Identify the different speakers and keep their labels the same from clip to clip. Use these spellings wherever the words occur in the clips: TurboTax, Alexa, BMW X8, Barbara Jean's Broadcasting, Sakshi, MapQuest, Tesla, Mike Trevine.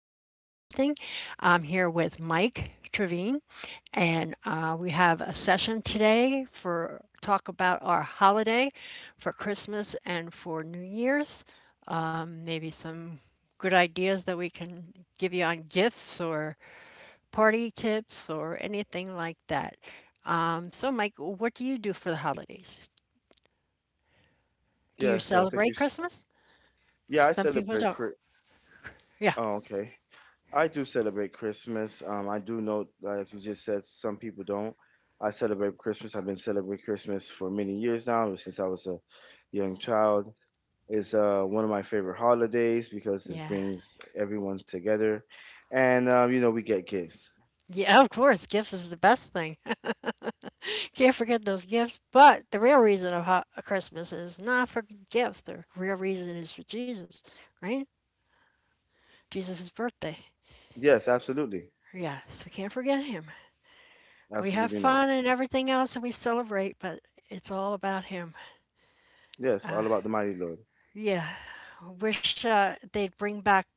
Speaker 1: Broadcasting. I'm here with Mike Trevine, and we have a session today for talk about our holiday for Christmas and for New Year's. Maybe some good ideas that we can give you on gifts or party tips or anything like that. So, Mike, what do you do for the holidays? Do you
Speaker 2: Yes, I think you.
Speaker 1: celebrate
Speaker 2: S-
Speaker 1: Christmas?
Speaker 2: Yeah, I
Speaker 1: Some people
Speaker 2: celebrate.
Speaker 1: don't.
Speaker 2: Chri-
Speaker 1: Yeah.
Speaker 2: Oh, okay. I do celebrate Christmas. I do know, like you just said, some people don't. I celebrate Christmas. I've been celebrating Christmas for many years now, since I was a young child. It's one of my favorite holidays because this
Speaker 1: Yeah.
Speaker 2: brings everyone together, and you know we get gifts.
Speaker 1: Yeah, of course, gifts is the best thing. Can't forget those gifts. But the real reason of Christmas is not for gifts. The real reason is for Jesus, right? Jesus' birthday.
Speaker 2: Yes, absolutely,
Speaker 1: Yeah, so can't forget him. We have
Speaker 2: absolutely not.
Speaker 1: fun and everything else, and we celebrate, but it's all about him.
Speaker 2: Yes, all about the mighty Lord.
Speaker 1: Yeah, I wish they'd bring back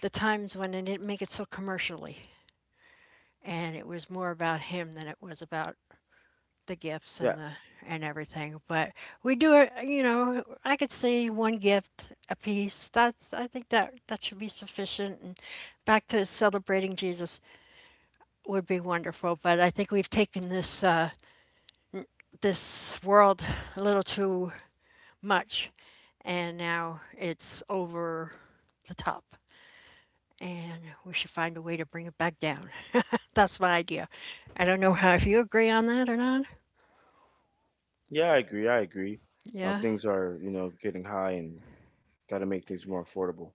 Speaker 1: the times when they didn't make it so commercially, and it was more about him than it was about the gifts
Speaker 2: Yeah,
Speaker 1: and the and everything. But we do it. I could see one gift a piece. That's I think that that should be sufficient. And back to celebrating Jesus would be wonderful. But I think we've taken this world a little too much, and now it's over the top. And we should find a way to bring it back down. That's my idea. I don't know how if you agree on that or not.
Speaker 2: yeah, I agree. I agree.
Speaker 1: Yeah.
Speaker 2: Things are you know getting high and got to make things more affordable.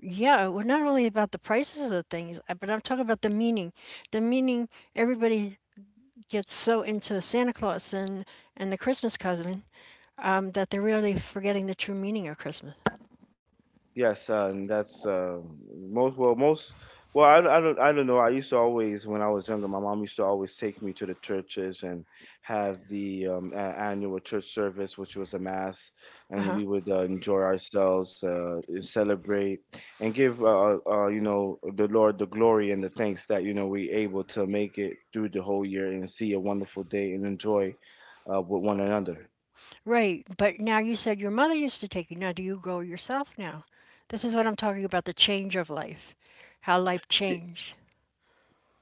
Speaker 1: Yeah, we're not only about the prices of things, but I'm talking about the meaning. The meaning everybody gets so into Santa Claus and the Christmas cousin that they're really forgetting the true meaning of Christmas.
Speaker 2: Yes, and that's most well, I don't know. I used to always when I was younger, my mom used to always take me to the churches and have the annual church service, which was a mass,
Speaker 1: Uh
Speaker 2: and
Speaker 1: huh.
Speaker 2: we would enjoy ourselves, celebrate, and give you know the Lord the glory and the thanks that you know we able to make it through the whole year and see a wonderful day and enjoy with one another.
Speaker 1: Right. But now you said your mother used to take you. Now do you go yourself now? This is what I'm talking about the change of life, how life changed.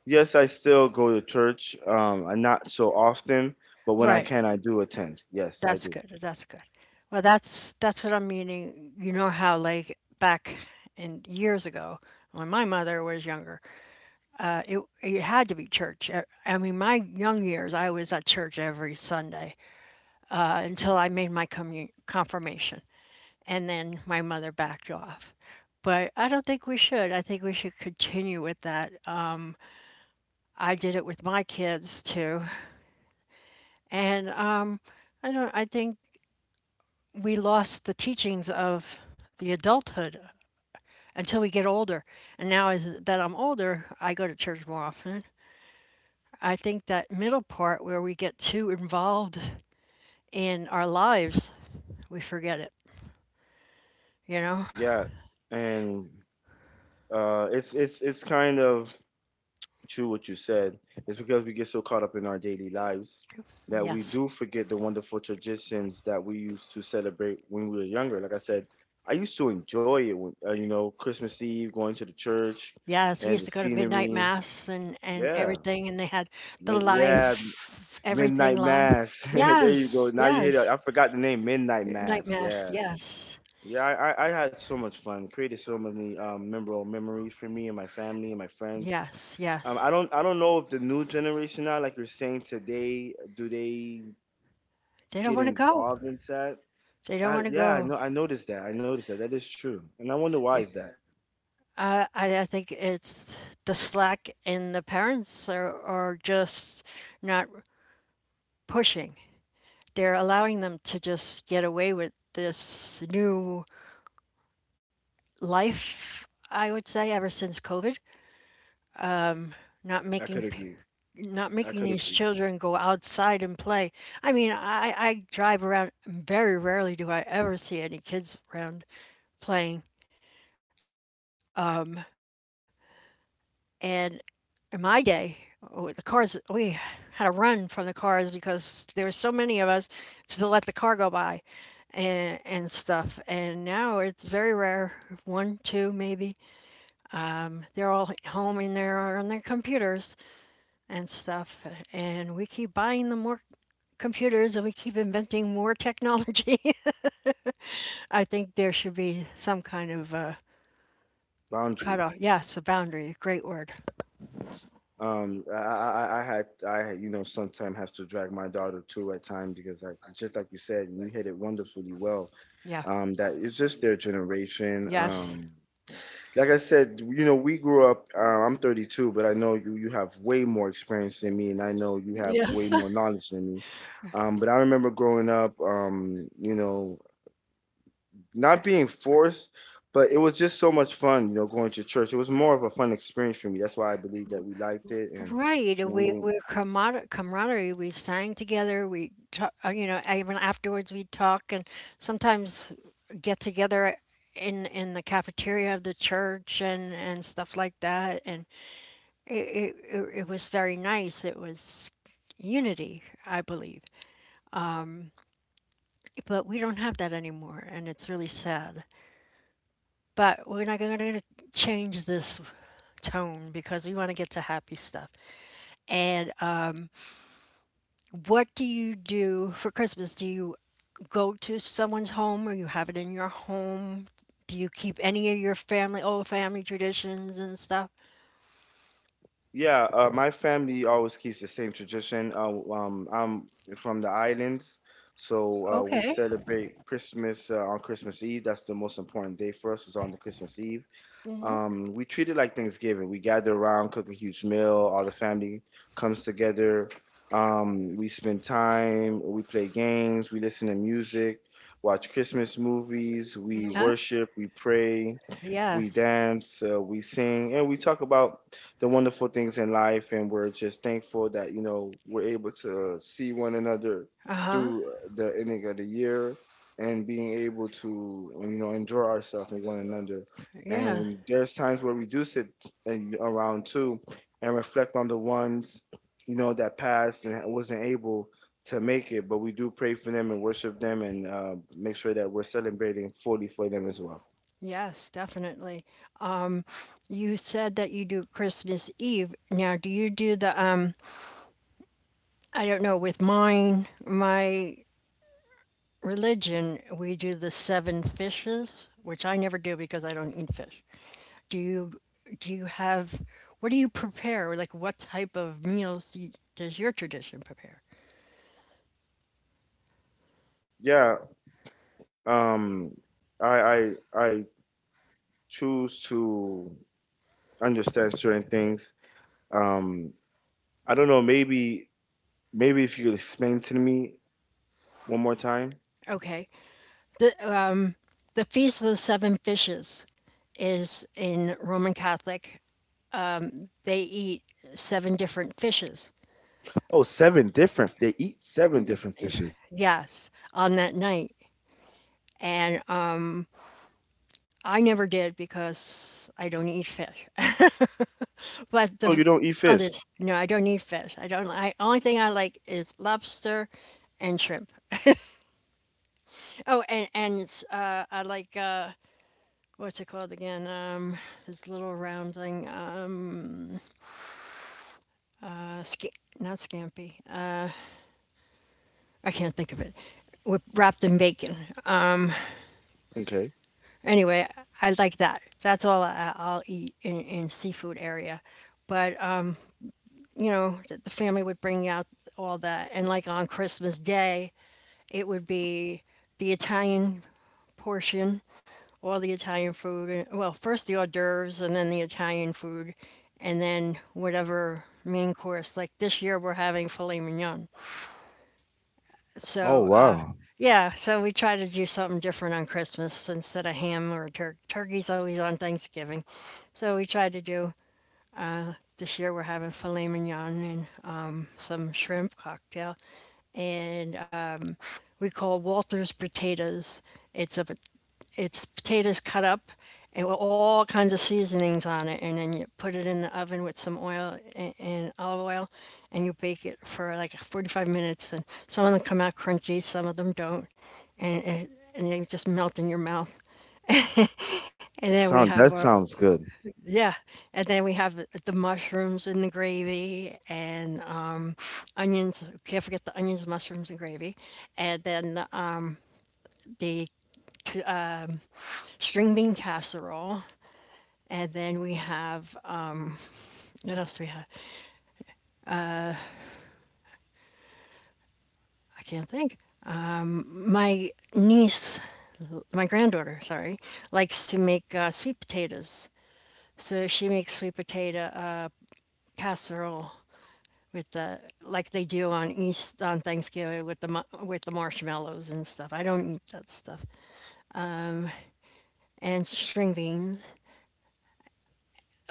Speaker 2: Yes, I still go to church. I not so often, but when I
Speaker 1: Right.
Speaker 2: can, I do attend. Yes, I
Speaker 1: That's
Speaker 2: do.
Speaker 1: good. That's good. Well, that's what I'm meaning. You know how like back in years ago when my mother was younger, it had to be church. I mean, my young years, I was at church every Sunday until I made my confirmation, and then my mother backed off. But I don't think we should. I think we should continue with that. I did it with my kids too, and I don't. I think we lost the teachings of the adulthood until we get older. And now, as that I'm older, I go to church more often. I think that middle part where we get too involved in our lives, we forget it, you know?
Speaker 2: Yeah, and it's kind of true what you said. It's because we get so caught up in our daily lives that we
Speaker 1: Yes.
Speaker 2: do forget the wonderful traditions that we used to celebrate when we were younger. Like I said, I used to enjoy it when, you know, Christmas Eve, going to the church
Speaker 1: Yes, we
Speaker 2: and
Speaker 1: used
Speaker 2: the
Speaker 1: to go to midnight
Speaker 2: scenery.
Speaker 1: mass and
Speaker 2: Yeah,
Speaker 1: everything, and they had the
Speaker 2: Yeah,
Speaker 1: live, everything
Speaker 2: Midnight
Speaker 1: live.
Speaker 2: Mass. There you go.
Speaker 1: Yes,
Speaker 2: Now you hit it.
Speaker 1: yes.
Speaker 2: I forgot the name. Midnight
Speaker 1: Night
Speaker 2: Mass.
Speaker 1: mass,
Speaker 2: Yeah.
Speaker 1: yes,
Speaker 2: Yeah. I had so much fun. Created so many memorable memories for me and my family and my friends.
Speaker 1: yes,
Speaker 2: Um,
Speaker 1: yes.
Speaker 2: I don't I don't know if the new generation now, like you're saying today, do they
Speaker 1: They don't
Speaker 2: get
Speaker 1: want to go.
Speaker 2: involved in that?
Speaker 1: They don't want to
Speaker 2: Yeah. I
Speaker 1: go.
Speaker 2: know. I noticed that. I noticed that. That is true. And I wonder why is that.
Speaker 1: I think it's the slack and the parents are just not pushing. They're allowing them to just get away with this new life, I would say, ever since COVID, not
Speaker 2: I could
Speaker 1: making p-
Speaker 2: agree.
Speaker 1: not
Speaker 2: I
Speaker 1: making
Speaker 2: could
Speaker 1: these
Speaker 2: agree.
Speaker 1: children go outside and play. I mean, I drive around very rarely do I ever see any kids around playing and in my day, oh, the cars, we had to run from the cars because there were so many of us to let the car go by and stuff. And now it's very rare one, two, maybe. They're all home in there on their computers and stuff. And we keep buying them more computers and we keep inventing more technology. I think there should be some kind of
Speaker 2: Boundary.
Speaker 1: cutoff. Yes, a boundary. Great word.
Speaker 2: Um, I, I, I had, had, you know, sometimes have to drag my daughter too at times because, like, just like you said, and you hit it wonderfully well.
Speaker 1: Yeah.
Speaker 2: That it's just their generation.
Speaker 1: Yes.
Speaker 2: Like I said, you know, we grew up. I'm 32, but I know you, you have way more experience than me, and I know you have way
Speaker 1: Yes.
Speaker 2: more knowledge than me. But I remember growing up, you know, not being forced, but it was just so much fun, you know, going to church. It was more of a fun experience for me. That's why I believe that we liked it and
Speaker 1: Right, uh, we
Speaker 2: we.
Speaker 1: we camaraderie. We sang together. We talk, you know, even afterwards we talk and sometimes get together in the cafeteria of the church and stuff like that. And it was very nice. It was unity, I believe. But we don't have that anymore, and it's really sad. But we're not going to change this tone because we want to get to happy stuff. And what do you do for Christmas? Do you go to someone's home or you have it in your home? Do you keep any of your family, old family traditions and stuff?
Speaker 2: Yeah, my family always keeps the same tradition. I'm from the islands, so we
Speaker 1: Okay.
Speaker 2: celebrate Christmas on Christmas Eve. That's the most important day for us, is on the Christmas Eve. We treat it like Thanksgiving. We gather around, cook a huge meal. All the family comes together. We spend time. We play games. We listen to music. Watch Christmas movies. We
Speaker 1: Yeah.
Speaker 2: worship. We pray. We
Speaker 1: Yes.
Speaker 2: dance. We sing, and we talk about the wonderful things in life. And we're just thankful that you know we're able to see one another
Speaker 1: Uh-huh.
Speaker 2: through the ending of the year and being able to you know enjoy ourselves with one another. And
Speaker 1: Yeah.
Speaker 2: there's times where we do sit around too and reflect on the ones, you know, that passed and wasn't able to make it, but we do pray for them and worship them and make sure that we're celebrating fully for them as well.
Speaker 1: Yes, definitely. Um, you said that you do Christmas Eve. Now, do you do the I don't know with mine, my religion, we do the seven fishes, which I never do because I don't eat fish. Do you do you have what do you prepare? Like what type of meals do does your tradition prepare?
Speaker 2: Yeah, um, I choose to understand certain things. Um, I don't know, maybe if you could explain to me one more time.
Speaker 1: Okay, the um, the feast of the seven fishes is in Roman Catholic. They eat seven different fishes.
Speaker 2: Oh, seven different. They eat seven different fishes.
Speaker 1: Yes, on that night, and I never did because I don't eat fish. But
Speaker 2: Oh, you
Speaker 1: the
Speaker 2: don't eat fish.
Speaker 1: others, no, I don't need fish. I don't. I only thing I like is lobster and shrimp. Oh, and it's, I like what's it called again? This little round thing. Sca- Not scampi. I can't think of it. With, wrapped in bacon.
Speaker 2: Okay.
Speaker 1: Anyway, I like that. That's all I'll eat in seafood area. But the family would bring out all that, and like on Christmas Day, it would be the Italian portion, all the Italian food. Well, first the hors d'oeuvres and then the Italian food, and then whatever main course. Like this year, we're having filet mignon.
Speaker 2: Oh
Speaker 1: So,
Speaker 2: wow.
Speaker 1: yeah, so we try to do something different on Christmas instead of ham or turkey. Turkey's always on Thanksgiving. So, we try to do this year, we're having filet mignon and some shrimp cocktail and we call Walter's potatoes. It's a it's potatoes cut up and with all kinds of seasonings on it, and then you put it in the oven with some oil and olive oil, and you bake it for like 45 minutes. And some of them come out crunchy, some of them don't, and and, and they just melt in your mouth. And then we
Speaker 2: Sound
Speaker 1: have our
Speaker 2: that sounds good.
Speaker 1: yeah, and then we have the mushrooms in the gravy and onions. Can't forget the onions, mushrooms, and gravy. And then the string bean casserole. And then we have, what else do we have? I can't think. My niece, my granddaughter, sorry, likes to make sweet potatoes. So she makes sweet potato casserole with the like they do on East on Thanksgiving with with the marshmallows and stuff. I don't eat that stuff. And string beans.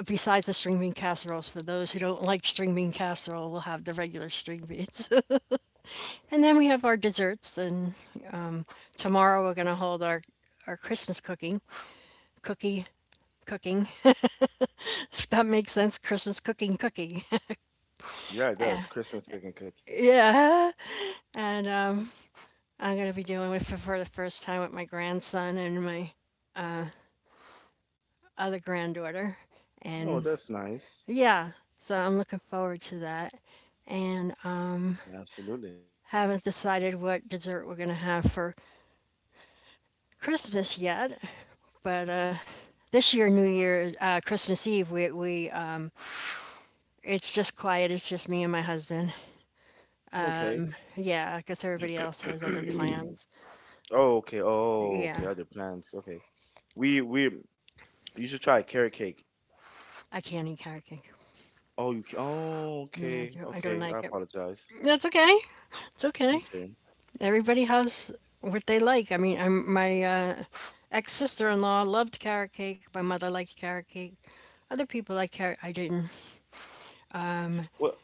Speaker 1: Besides the string bean casseroles, for those who don't like string bean casserole, we'll have the regular string beans. And then we have our desserts and tomorrow we're going to hold our Christmas cooking, cookie, cooking. If that makes sense, Christmas cooking, cookie.
Speaker 2: Yeah, it does. Christmas cooking cookie.
Speaker 1: yeah. And I'm going to be doing it for the first time with my grandson and my other granddaughter.
Speaker 2: Oh,
Speaker 1: And
Speaker 2: that's nice.
Speaker 1: yeah, so I'm looking forward to that. And
Speaker 2: Absolutely.
Speaker 1: Haven't decided what dessert we're going to have for Christmas yet, but this year, New Year's, Christmas Eve, we it's just quiet. It's just me and my husband,
Speaker 2: Okay.
Speaker 1: yeah, because everybody else has other plans.
Speaker 2: Oh, okay. Oh, okay.
Speaker 1: Yeah.
Speaker 2: Other plans. Okay. We you should try carrot cake.
Speaker 1: I can't eat carrot cake.
Speaker 2: Oh,
Speaker 1: No,
Speaker 2: okay.
Speaker 1: I don't
Speaker 2: Okay. I
Speaker 1: like it.
Speaker 2: apologize.
Speaker 1: That's okay. It's okay.
Speaker 2: Okay.
Speaker 1: Everybody has what they like. I mean, my ex sister-in-law loved carrot cake. My mother liked carrot cake. Other people like carrot. I didn't.
Speaker 2: What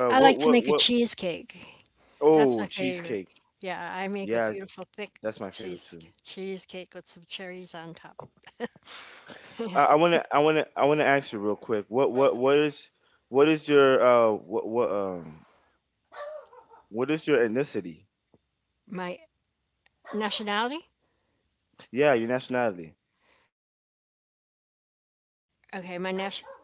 Speaker 2: uh
Speaker 1: I like
Speaker 2: what
Speaker 1: to
Speaker 2: what
Speaker 1: make a
Speaker 2: what
Speaker 1: cheesecake. That's
Speaker 2: Oh,
Speaker 1: my favorite.
Speaker 2: cheesecake.
Speaker 1: Yeah, I make a
Speaker 2: Yeah,
Speaker 1: beautiful thick
Speaker 2: that's my favorite too.
Speaker 1: cheesecake with some cherries on top.
Speaker 2: I want to I want to I want to ask you real quick. What is your what is your ethnicity?
Speaker 1: My nationality?
Speaker 2: Yeah, your nationality.
Speaker 1: Okay, my nationality.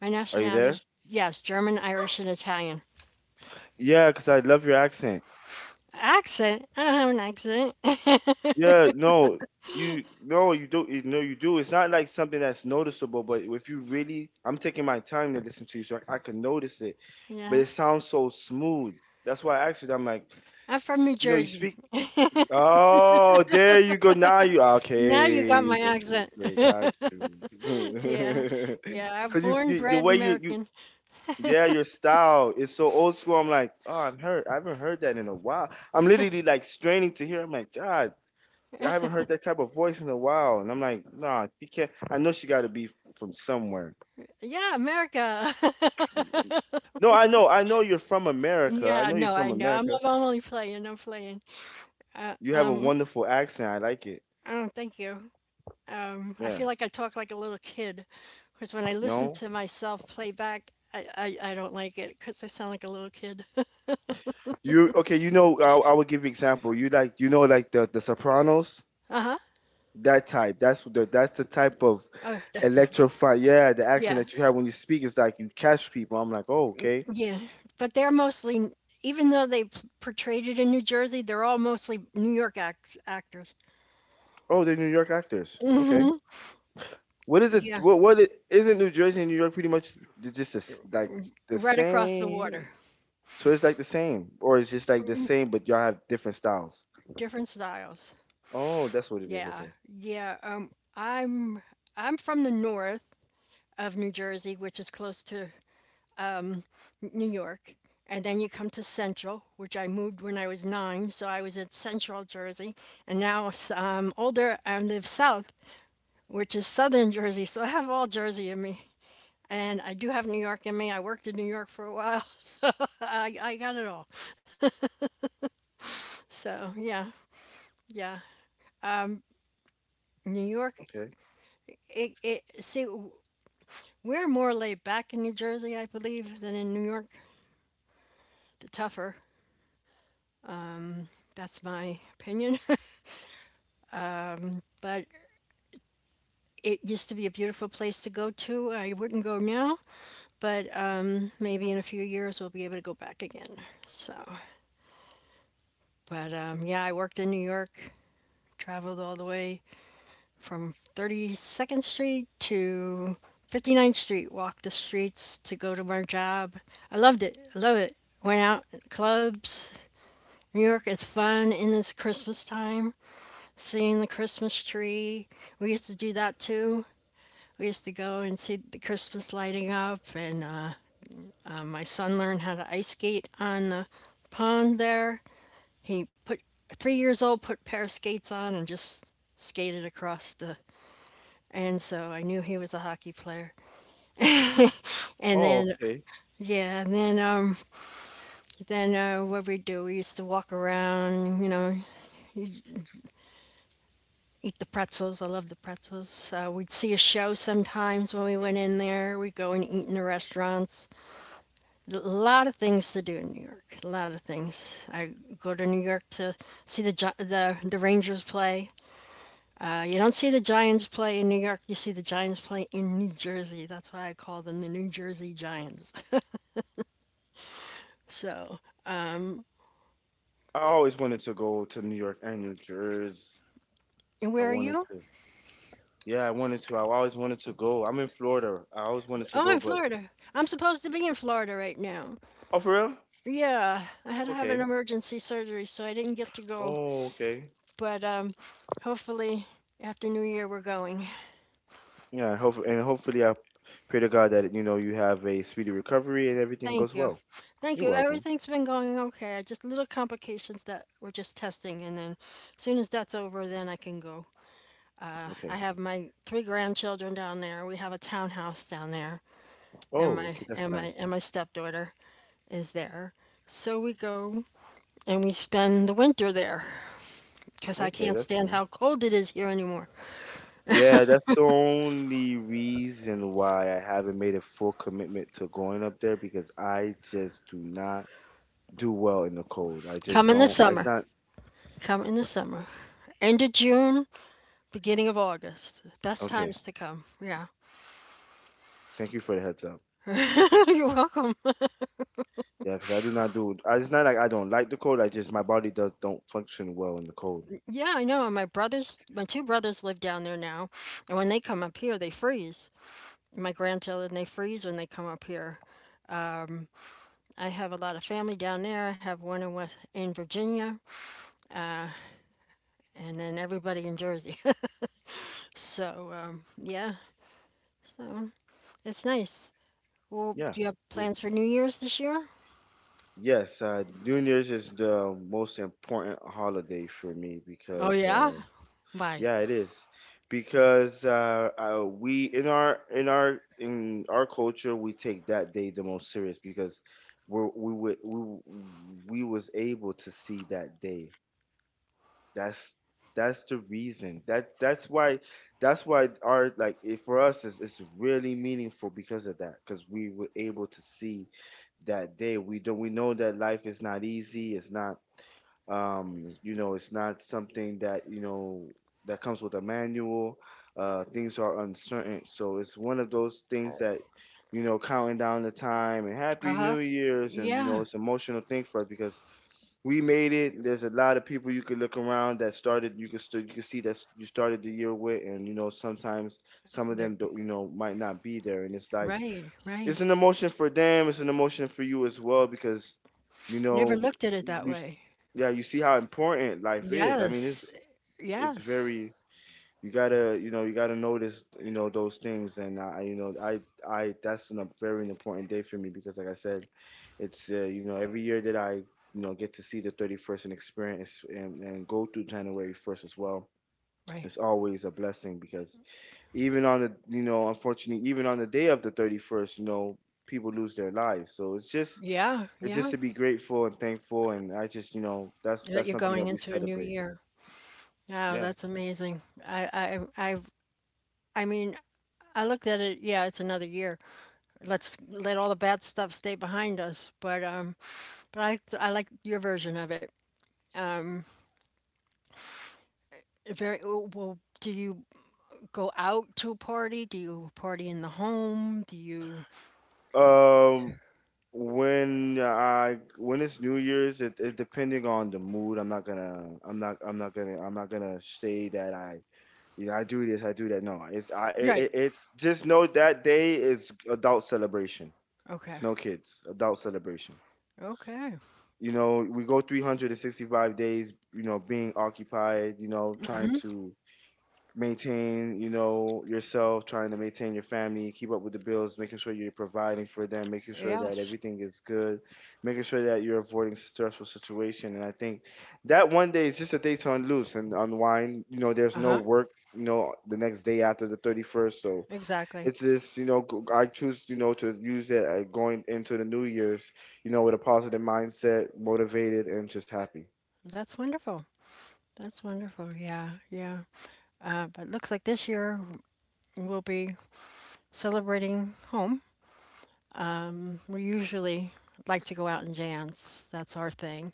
Speaker 1: My
Speaker 2: Are you there?
Speaker 1: nationality's yes, German, Irish, and Italian.
Speaker 2: Yeah, because I love your accent.
Speaker 1: Accent? I don't have an accent.
Speaker 2: Yeah, you no, you do you know you do. It's not like something that's noticeable, but if you really I'm taking my time to listen to you so I can notice it. But
Speaker 1: yeah.
Speaker 2: it sounds so smooth. That's why I asked you. I'm like,
Speaker 1: I'm from New
Speaker 2: you know, you
Speaker 1: Jersey.
Speaker 2: speak. Oh, there you go. Now you
Speaker 1: Now you got
Speaker 2: okay.
Speaker 1: my accent.
Speaker 2: Okay, got
Speaker 1: yeah.
Speaker 2: you.
Speaker 1: Yeah. I'm
Speaker 2: Cause you,
Speaker 1: born,
Speaker 2: you the
Speaker 1: bred
Speaker 2: way you.
Speaker 1: American.
Speaker 2: Yeah, your style is so old school. I'm like, oh, I am hurt. I haven't heard that in a while. I'm literally like straining to hear. I'm like, God, I haven't heard that type of voice in a while. And I'm like, nah, she can't. I know she got to be from somewhere.
Speaker 1: Yeah, America.
Speaker 2: No, I know you're from America. I
Speaker 1: yeah,
Speaker 2: know you're
Speaker 1: no, I
Speaker 2: from
Speaker 1: know.
Speaker 2: America.
Speaker 1: I'm only playing. I'm playing. Uh,
Speaker 2: You have a
Speaker 1: um,
Speaker 2: wonderful accent. I like it.
Speaker 1: I don't thank you. I
Speaker 2: Yeah.
Speaker 1: feel like I talk like a little kid because when I listen
Speaker 2: No,
Speaker 1: to myself play back, I don't like it because I sound like a little kid. uh
Speaker 2: you okay? You know, I would give you example. You like, you know, like the Sopranos.
Speaker 1: huh.
Speaker 2: That type. That's the type of
Speaker 1: Oh,
Speaker 2: electrify. Yeah, the accent
Speaker 1: yeah.
Speaker 2: that you have when you speak is like you catch people. I'm like, oh, okay.
Speaker 1: Yeah, but they're mostly, even though they portrayed it in New Jersey, they're all mostly New York acts, actors.
Speaker 2: Oh, they're New York actors. Okay. What is it?
Speaker 1: Yeah,
Speaker 2: Isn't New Jersey and New York pretty much j- just a s like the
Speaker 1: right across the water,
Speaker 2: same? So it's like the same, or it's just like the same, but y'all have different styles.
Speaker 1: different styles.
Speaker 2: Oh, that's what it is.
Speaker 1: Yeah,
Speaker 2: Okay.
Speaker 1: yeah. I'm from the north of New Jersey, which is close to New York, and then you come to Central, which I moved when I was nine, so I was at Central Jersey, and now I'm older. I live south, which is Southern Jersey, so I have all Jersey in me. And I do have New York in me. I worked in New York for a while. I got it all. So yeah, yeah. New York,
Speaker 2: Okay.
Speaker 1: it see we're more laid back in New Jersey, I believe, than in New York. The tougher. That's my opinion. But it used to be a beautiful place to go to. I wouldn't go now, but maybe in a few years we'll be able to go back again. So, but yeah, I worked in New York, traveled all the way from 32nd Street to Fifty Ninth Street, walked the streets to go to my job. I loved it. I love it. Went out at clubs. New York is fun in this Christmas time. Seeing the Christmas tree. We used to do that too. We used to go and see the Christmas lighting up, and my son learned how to ice skate on the pond there. He put 3 years old put a pair of skates on and just skated across the. And so I knew he was a hockey player. And
Speaker 2: Oh,
Speaker 1: then,
Speaker 2: okay.
Speaker 1: yeah, and then, what we do, we used to walk around, you know, eat the pretzels. I love the pretzels. We'd see a show sometimes when we went in there. We'd go and eat in the restaurants. A lot of things to do in New York. A lot of things. I go to New York to see the Gi- the Rangers play. You don't see the Giants play in New York. You see the Giants play in New Jersey. That's why I call them the New Jersey Giants. so,
Speaker 2: I always wanted to go to New York and New Jersey.
Speaker 1: and
Speaker 2: I
Speaker 1: where are
Speaker 2: wanted
Speaker 1: you?
Speaker 2: to. Yeah, I wanted to. I always wanted to go. I'm in Florida. I always wanted to
Speaker 1: Oh,
Speaker 2: go,
Speaker 1: in
Speaker 2: but.
Speaker 1: Florida. I'm supposed to be in Florida right now.
Speaker 2: Oh, for real?
Speaker 1: Yeah, I had to have an
Speaker 2: Okay.
Speaker 1: emergency surgery, so I didn't get to go.
Speaker 2: Oh, okay.
Speaker 1: But hopefully, after New Year, we're going.
Speaker 2: Yeah, hope and hopefully I pray to God that you know you have a speedy recovery and everything
Speaker 1: Thank
Speaker 2: goes
Speaker 1: you.
Speaker 2: well.
Speaker 1: Thank
Speaker 2: You're
Speaker 1: you.
Speaker 2: welcome.
Speaker 1: Everything's been going okay. I just little complications that we're just testing, and then as soon as that's over, then I can go. I
Speaker 2: Okay.
Speaker 1: have my three grandchildren down there. We have a townhouse down there, and
Speaker 2: Oh,
Speaker 1: my
Speaker 2: okay, that's
Speaker 1: and my
Speaker 2: nice.
Speaker 1: and my stepdaughter is there. So we go and we spend the winter there. Because I
Speaker 2: Okay,
Speaker 1: can't
Speaker 2: that's
Speaker 1: stand
Speaker 2: nice.
Speaker 1: how cold it is here anymore.
Speaker 2: Yeah, that's the only reason why I haven't made a full commitment to going up there because I just do not do well in the cold. I
Speaker 1: Come
Speaker 2: just
Speaker 1: in the
Speaker 2: don't. I it's
Speaker 1: summer.
Speaker 2: not.
Speaker 1: Come in the summer. End of June, beginning of August. Best
Speaker 2: Okay,
Speaker 1: times to come. Yeah.
Speaker 2: thank you for the heads up.
Speaker 1: You're welcome.
Speaker 2: Yeah, because I do not do. It's not like I don't like the cold. I just my body does don't function well in the cold.
Speaker 1: yeah, I know. And my brothers, my two brothers live down there now. And when they come up here, they freeze. My grandchildren, they freeze when they come up here. I have a lot of family down there. I have one in West in Virginia, and then everybody in Jersey. so um, yeah, so it's nice. Well,
Speaker 2: Yeah.
Speaker 1: do you have
Speaker 2: Yes.
Speaker 1: plans for New Year's this year?
Speaker 2: Yes, New Year's is the most important holiday for me
Speaker 1: Oh,
Speaker 2: because,
Speaker 1: yeah? Why?
Speaker 2: yeah, it is because we in our culture we take that day the most serious because we're, we would we was able to see that day that's that's the reason. That's why our like it, for us is it's really meaningful because of that. Because we were able to see that day. We know that life is not easy. It's not you know, it's not something that, you know, that comes with a manual. Things are uncertain. So it's one of those things that, you know, counting down the time and Happy
Speaker 1: Uh-huh.
Speaker 2: New Year's. And, you know,
Speaker 1: Yeah.
Speaker 2: it's an emotional thing for us because we made it. There's a lot of people you could look around that started. You could see that you started the year with, and you know sometimes some of
Speaker 1: They're
Speaker 2: them don't, you know might not be there, and it's like
Speaker 1: right, right.
Speaker 2: it's an emotion for them. It's an emotion for you as well because you
Speaker 1: Never
Speaker 2: know
Speaker 1: looked at it that
Speaker 2: you s-
Speaker 1: way.
Speaker 2: yeah you see how important life is. I mean
Speaker 1: Yes.
Speaker 2: it's
Speaker 1: Yes.
Speaker 2: very you gotta you know you gotta notice you know those things and I you know I that's a very important day for me because like I said it's you know every year that I you know get to see the 31st and experience and go through January 1st as well.
Speaker 1: Right.
Speaker 2: It's always a blessing because even on the unfortunately even on the day of the 31st, people lose their lives, so it's just
Speaker 1: Yeah,
Speaker 2: it's just to
Speaker 1: yeah.
Speaker 2: be grateful and thankful. And I just that's
Speaker 1: That
Speaker 2: that's
Speaker 1: you're
Speaker 2: something
Speaker 1: going
Speaker 2: that we
Speaker 1: into a new
Speaker 2: celebrate.
Speaker 1: year. Oh,
Speaker 2: Yeah.
Speaker 1: that's amazing. I I mean, I looked at it. Yeah, it's another year. Let's let all the bad stuff stay behind us. But I like your version of it. Um, very well. Do you go out to a party? Do you party in the home? Do you
Speaker 2: Um, when I when it's New Year's, it depending on the mood, I'm not gonna say that I you know I do this, I do that. No, it's I it,
Speaker 1: Right.
Speaker 2: it- it's just know that day is adult celebration. It's
Speaker 1: Okay.
Speaker 2: no kids, adult celebration.
Speaker 1: Okay.
Speaker 2: You know, we go 365 days, you know, being occupied, you know, trying to maintain, you know, yourself, trying to maintain your family, keep up with the bills, making sure you're providing for them, making sure that
Speaker 1: Yes.
Speaker 2: everything is good, making sure that you're avoiding stressful situation. And I think that one day is just a day to unloose and unwind. You know, there's no
Speaker 1: Uh-huh.
Speaker 2: work, you know, the next day after the 31st. So
Speaker 1: Exactly.
Speaker 2: it's just I choose, to use it, going into the new year's, you know, with a positive mindset, motivated and just happy.
Speaker 1: That's wonderful. That's wonderful. Yeah. Yeah. But looks like this year we'll be celebrating home. We usually like to go out and dance. That's our thing.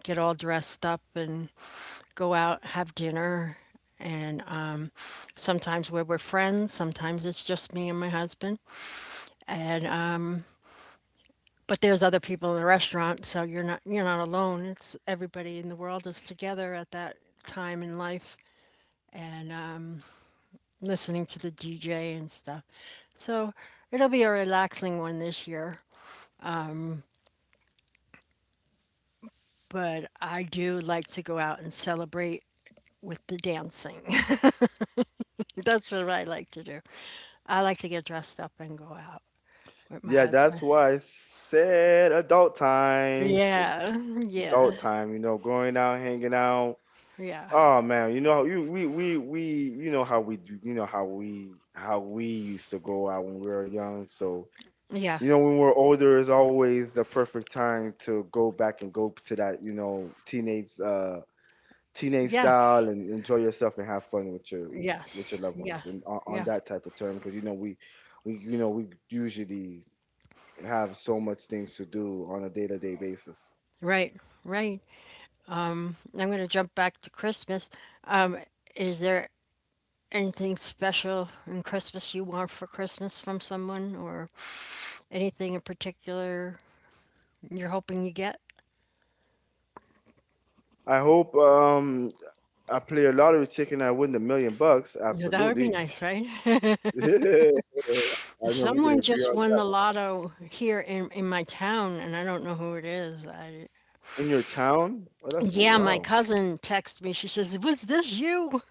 Speaker 1: Get all dressed up and go out, have dinner. And sometimes we're friends, sometimes it's just me and my husband. And but there's other people in the restaurant, so you're not alone. It's everybody in the world is together at that time in life and listening to the DJ and stuff. So it'll be a relaxing one this year, but I do like to go out and celebrate with the dancing. That's what I like to do. I like to get dressed up and go out with my
Speaker 2: Yeah, that's
Speaker 1: husband.
Speaker 2: why I said adult times,
Speaker 1: Yeah, yeah,
Speaker 2: adult time, you know, going out, hanging out.
Speaker 1: yeah,
Speaker 2: Oh man, you know how you we you know how we do, you know how we used to go out when we were young. So
Speaker 1: yeah,
Speaker 2: you know when we're older is always the perfect time to go back and go to that, you know, teenage teenage style
Speaker 1: yes,
Speaker 2: and enjoy yourself and have fun with your, with
Speaker 1: yes,
Speaker 2: your loved
Speaker 1: yeah,
Speaker 2: ones, and on
Speaker 1: yeah.
Speaker 2: that type of term, because you know we you know we usually have so much things to do on a day-to-day basis.
Speaker 1: Right, right. I'm going to jump back to Christmas. Um, is there anything special in Christmas you want for Christmas from someone, or anything in particular you're hoping you get?
Speaker 2: I hope, I play a lottery ticket and I win the million bucks.
Speaker 1: Yeah, that would be
Speaker 2: Absolutely.
Speaker 1: nice, right?
Speaker 2: I know we can
Speaker 1: Someone
Speaker 2: agree
Speaker 1: just
Speaker 2: on
Speaker 1: won
Speaker 2: that
Speaker 1: the
Speaker 2: one.
Speaker 1: lotto here in my town, and I don't know who it is.
Speaker 2: In your town? Well, that's
Speaker 1: Yeah, my
Speaker 2: wow.
Speaker 1: cousin texted me. She says, "Was this you?"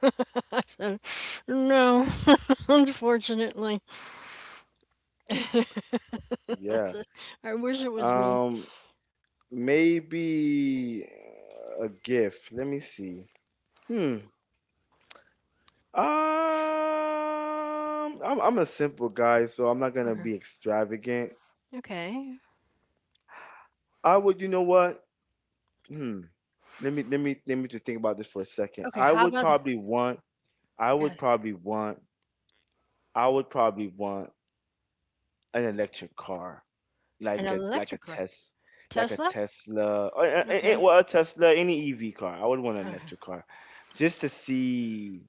Speaker 1: no, unfortunately. I
Speaker 2: Yeah.
Speaker 1: said, I wish it was me.
Speaker 2: um Maybe a gift, let me see. hmm Um, I'm a simple guy, so I'm not gonna
Speaker 1: Okay.
Speaker 2: be extravagant.
Speaker 1: Okay.
Speaker 2: I would, you know what? Hmm. Let me just think about this for a second.
Speaker 1: Okay, how about
Speaker 2: I
Speaker 1: Yeah,
Speaker 2: would probably want. I would probably want an electric car,
Speaker 1: an
Speaker 2: like a
Speaker 1: electric car. Tesla?
Speaker 2: Tesla, or,
Speaker 1: Okay.
Speaker 2: well, a Tesla, any EV car. I would want an
Speaker 1: Okay.
Speaker 2: electric car, just to see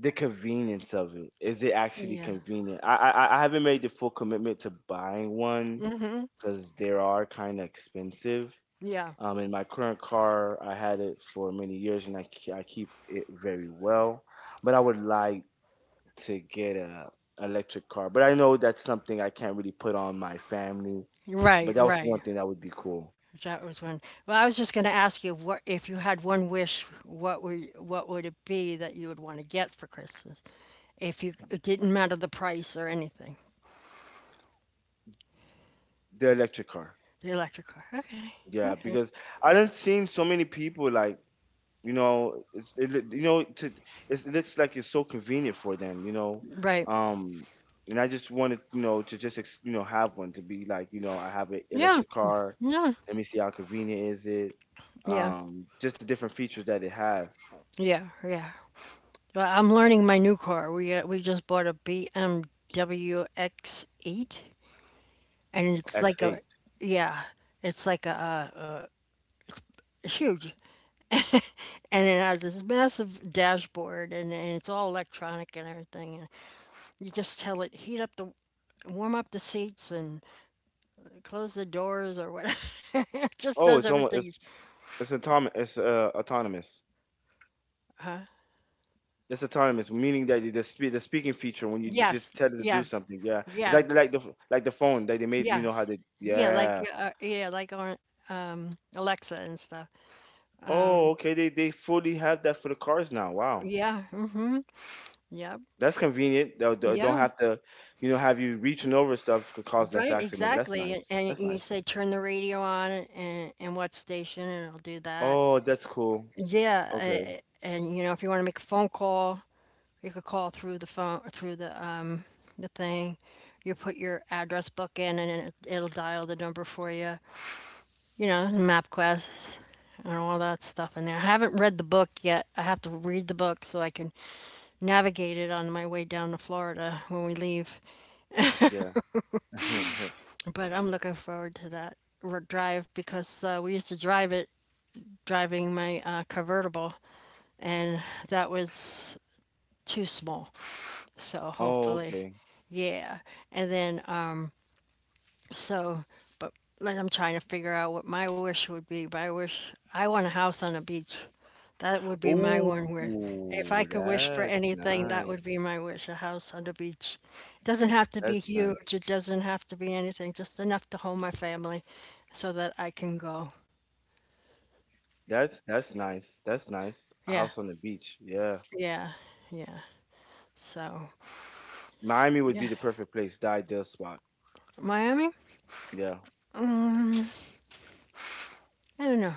Speaker 2: the convenience of it. Is it actually
Speaker 1: Yeah.
Speaker 2: convenient? I haven't made the full commitment to buying one,
Speaker 1: Hmm.
Speaker 2: because they are kind of expensive.
Speaker 1: Yeah.
Speaker 2: In my current car, I had it for many years and I keep it very well, but I would like to get a electric car. But I know that's something I can't really put on my family. But
Speaker 1: Right,
Speaker 2: that was one
Speaker 1: right.
Speaker 2: thing that would be cool.
Speaker 1: That was one. Well, I was just going to ask you, what if you had one wish, what would it be that you would want to get for Christmas? If you it didn't matter the price or anything.
Speaker 2: The electric car.
Speaker 1: The electric car. Okay.
Speaker 2: Yeah,
Speaker 1: Okay.
Speaker 2: because I done seen so many people like, you know, you know to, it looks like it's so convenient for them. You know,
Speaker 1: Right.
Speaker 2: um, and I just wanted, you know, to just you know, have one to be like, you know, I have an
Speaker 1: Yeah.
Speaker 2: electric car.
Speaker 1: Yeah.
Speaker 2: Let me see how convenient is it.
Speaker 1: Yeah.
Speaker 2: Just the different features that it has.
Speaker 1: Yeah. Yeah. Well, I'm learning my new car. We just bought a BMW X8. And it's like a
Speaker 2: X8.
Speaker 1: yeah it's like a, huge and it has this massive dashboard and it's all electronic and everything and you just tell it heat up the warm up the seats and close the doors or whatever it just
Speaker 2: Oh,
Speaker 1: does
Speaker 2: it's almost
Speaker 1: everything
Speaker 2: it's autonomous. It's autonomous. It's autonomous, meaning that the speaking feature when you just
Speaker 1: yes
Speaker 2: tell it to do
Speaker 1: yeah
Speaker 2: something. Yeah, it's
Speaker 1: yeah
Speaker 2: like the, like the phone that they made. You know how
Speaker 1: yes
Speaker 2: they, yeah.
Speaker 1: yeah like on alexa and stuff
Speaker 2: Oh, okay. They fully have that for the cars now. Wow,
Speaker 1: yeah mm-hmm yeah
Speaker 2: that's convenient. They don't
Speaker 1: yeah
Speaker 2: have to, you know, have you reaching over stuff, could cause less
Speaker 1: Right,
Speaker 2: accidents. That's
Speaker 1: exactly.
Speaker 2: nice.
Speaker 1: And
Speaker 2: That's
Speaker 1: you
Speaker 2: nice.
Speaker 1: say turn the radio on and what station, and it'll do that.
Speaker 2: Oh, that's cool.
Speaker 1: Yeah,
Speaker 2: Okay.
Speaker 1: and you know if you want to make a phone call, you could call through the phone through the thing. You put your address book in, and it'll dial the number for you. You know, MapQuest and all that stuff in there. I haven't read the book yet. I have to read the book so I can navigate it on my way down to Florida when we leave.
Speaker 2: Yeah.
Speaker 1: But I'm looking forward to that drive because we used to drive it driving my convertible, and that was too small. So
Speaker 2: Oh,
Speaker 1: hopefully,
Speaker 2: okay.
Speaker 1: yeah. And then, um, so, but like, I'm trying to figure out what my wish would be. My wish, I want a house on a beach. That would be my
Speaker 2: Oh,
Speaker 1: one wish. If I could wish for
Speaker 2: that's
Speaker 1: anything, that
Speaker 2: nice.
Speaker 1: would be my wish, a house on the beach. It doesn't have to be
Speaker 2: That's nice.
Speaker 1: huge, it doesn't have to be anything, just enough to hold my family so that I can go.
Speaker 2: That's nice. That's nice. A
Speaker 1: Yeah,
Speaker 2: house on the beach. Yeah.
Speaker 1: yeah, yeah. So,
Speaker 2: Miami would be
Speaker 1: yeah.
Speaker 2: the perfect place, the ideal spot.
Speaker 1: Miami?
Speaker 2: Yeah.
Speaker 1: Mm, I don't know.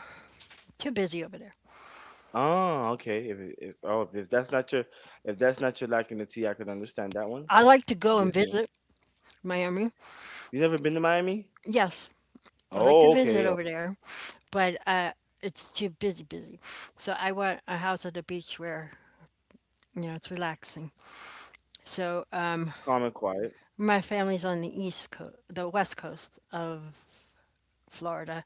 Speaker 1: Too busy over there.
Speaker 2: Oh, okay. If if that's not your, if that's not your lack in the tea, I can understand that one.
Speaker 1: I like to go and
Speaker 2: Business.
Speaker 1: visit Miami.
Speaker 2: You never been to Miami?
Speaker 1: Yes, I like to
Speaker 2: Oh,
Speaker 1: visit
Speaker 2: okay. Oh,
Speaker 1: over there, but it's too busy, busy. So I want a house at the beach where you know it's relaxing. So
Speaker 2: calm and quiet.
Speaker 1: my family's on the east coast, the west coast of Florida.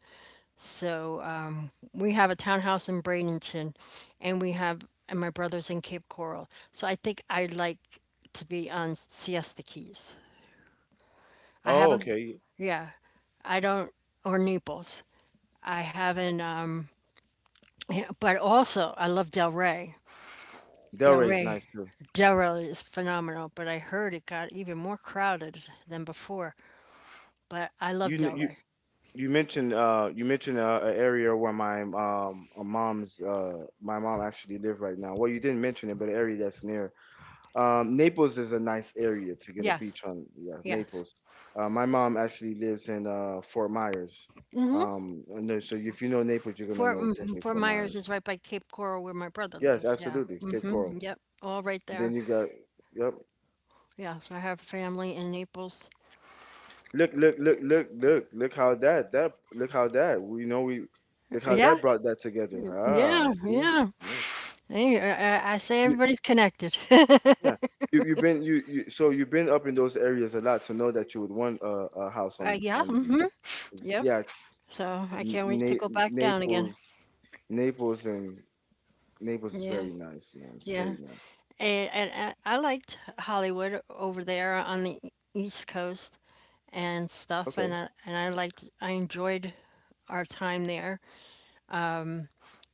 Speaker 1: We have a townhouse in Bradenton, and we have and my brother's in Cape Coral. So I think I like to be on Siesta Keys. I
Speaker 2: Oh,
Speaker 1: haven't,
Speaker 2: okay.
Speaker 1: yeah, I don't, or Naples. I haven't, yeah, but also I love Del Rey. Del
Speaker 2: Delray is
Speaker 1: Rey,
Speaker 2: nice too.
Speaker 1: Del Rey is phenomenal, but I heard it got even more crowded than before. But I love
Speaker 2: You
Speaker 1: Del
Speaker 2: kn- you
Speaker 1: Rey.
Speaker 2: you mentioned you mentioned, an area where my mom's my mom actually live right now. Well, you didn't mention it, but an area that's near. Naples is a nice area to get a
Speaker 1: Yes,
Speaker 2: beach on. Yeah,
Speaker 1: yes.
Speaker 2: Naples. My mom actually lives in Fort Myers. And so if you know Naples, you're gonna know definitely
Speaker 1: Fort
Speaker 2: Fort
Speaker 1: Myers
Speaker 2: Myers.
Speaker 1: is right by Cape Coral where my brother
Speaker 2: Yes,
Speaker 1: lives. Yeah.
Speaker 2: absolutely, Cape
Speaker 1: Hmm.
Speaker 2: Coral.
Speaker 1: Yep. All right
Speaker 2: And then
Speaker 1: there.
Speaker 2: you got, yep.
Speaker 1: Yes, I have family in Naples.
Speaker 2: Look, look, look, look, look, look how that, look how that, we know we, look how
Speaker 1: Yeah.
Speaker 2: that brought that together.
Speaker 1: Yeah.
Speaker 2: Ah, see,
Speaker 1: Yeah.
Speaker 2: yeah,
Speaker 1: Hey, I say
Speaker 2: you,
Speaker 1: everybody's connected.
Speaker 2: yeah. You so you've been up in those areas a lot to know that you would want a house
Speaker 1: Yeah,
Speaker 2: on the beach.
Speaker 1: mhm,
Speaker 2: It's-
Speaker 1: yep,
Speaker 2: Yeah,
Speaker 1: so I can't wait to go back down again.
Speaker 2: Naples, Naples, and Naples is
Speaker 1: Yeah,
Speaker 2: very nice, man. It's
Speaker 1: yeah,
Speaker 2: very nice.
Speaker 1: and and I liked Hollywood over there on the E East Coast and stuff, and
Speaker 2: Okay.
Speaker 1: I enjoyed our time there.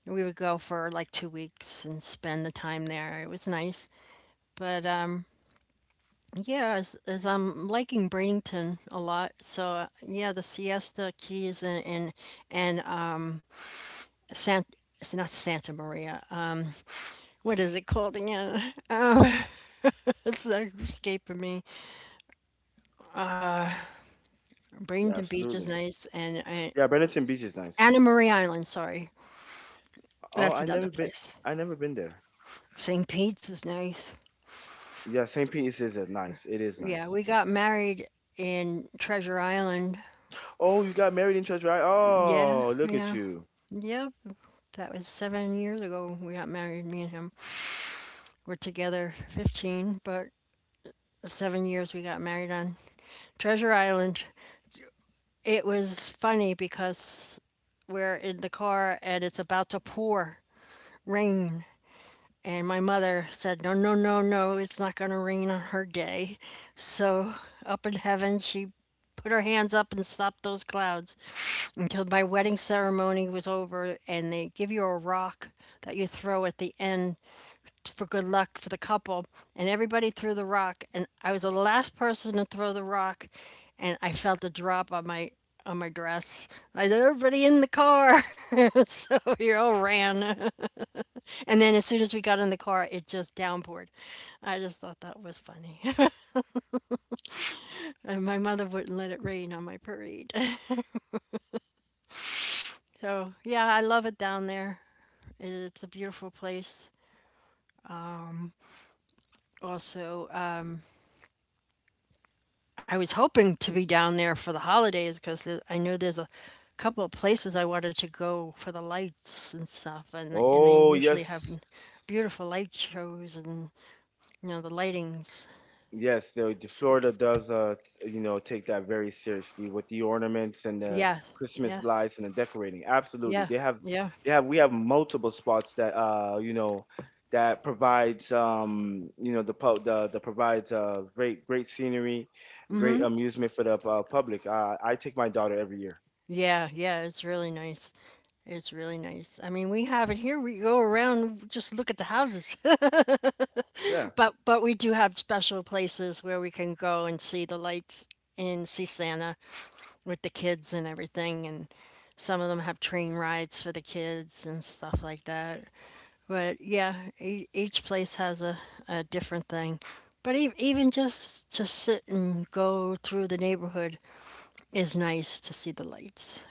Speaker 1: We would go for like 2 weeks and spend the time there. It was nice, but yeah, as I'm liking Bradenton a lot, so yeah, the Siesta Keys and Sant it's not Santa Maria. What is it called again? It's like escaping me.
Speaker 2: Yeah,
Speaker 1: Bradenton Beach is
Speaker 2: absolutely.
Speaker 1: nice, and
Speaker 2: Yeah, Burlington Beach is nice.
Speaker 1: Anna Marie Island. Sorry,
Speaker 2: Oh,
Speaker 1: that's
Speaker 2: I
Speaker 1: another
Speaker 2: never been.
Speaker 1: place.
Speaker 2: I never been there.
Speaker 1: St. Pete's is nice.
Speaker 2: Yeah, St. Pete is nice. It is
Speaker 1: Yeah,
Speaker 2: nice.
Speaker 1: we got married in Treasure Island.
Speaker 2: Oh, you got married in church, right?
Speaker 1: Yeah,
Speaker 2: Oh, look at
Speaker 1: yeah,
Speaker 2: you.
Speaker 1: yep. That was 7 years ago. We got married. Me and him. We're together 15, but 7 years we got married on Treasure Island. It was funny because we're in the car and it's about to pour rain. And my mother said, "No, no, no, no, it's not going to rain on her day." So up in heaven, she put her hands up and stopped those clouds until my wedding ceremony was over. And they give you a rock that you throw at the end for good luck for the couple. And everybody threw the rock. And I was the last person to throw the rock. And I felt a drop on my dress. I said, everybody in the car. so we all ran. And then as soon as we got in the car, it just downpoured. I just thought that was funny. And my mother wouldn't let it rain on my parade. So, yeah, I love it down there. It's a beautiful place. Also, I was hoping to be down there for the holidays because I know there's a couple of places I wanted to go for the lights and stuff, and they
Speaker 2: Oh,
Speaker 1: usually have
Speaker 2: yes.
Speaker 1: beautiful light shows and the lightings.
Speaker 2: Yes, the Florida does, you know, take that very seriously with the ornaments and the
Speaker 1: Yeah,
Speaker 2: Christmas
Speaker 1: yeah,
Speaker 2: lights and the decorating. Absolutely,
Speaker 1: yeah, yeah.
Speaker 2: we have multiple spots that, you know, that provides, you know, the pub, the provides, great, great scenery, great amusement for the public. I take my daughter every year.
Speaker 1: Yeah, yeah, it's really nice. It's really nice. I mean, we have it here. We go around, just look at the houses.
Speaker 2: Yeah,
Speaker 1: But we do have special places where we can go and see the lights and see Santa with the kids and everything. And some of them have train rides for the kids and stuff like that. But yeah, each place has a different thing. But even just to sit and go through the neighborhood is nice to see the lights.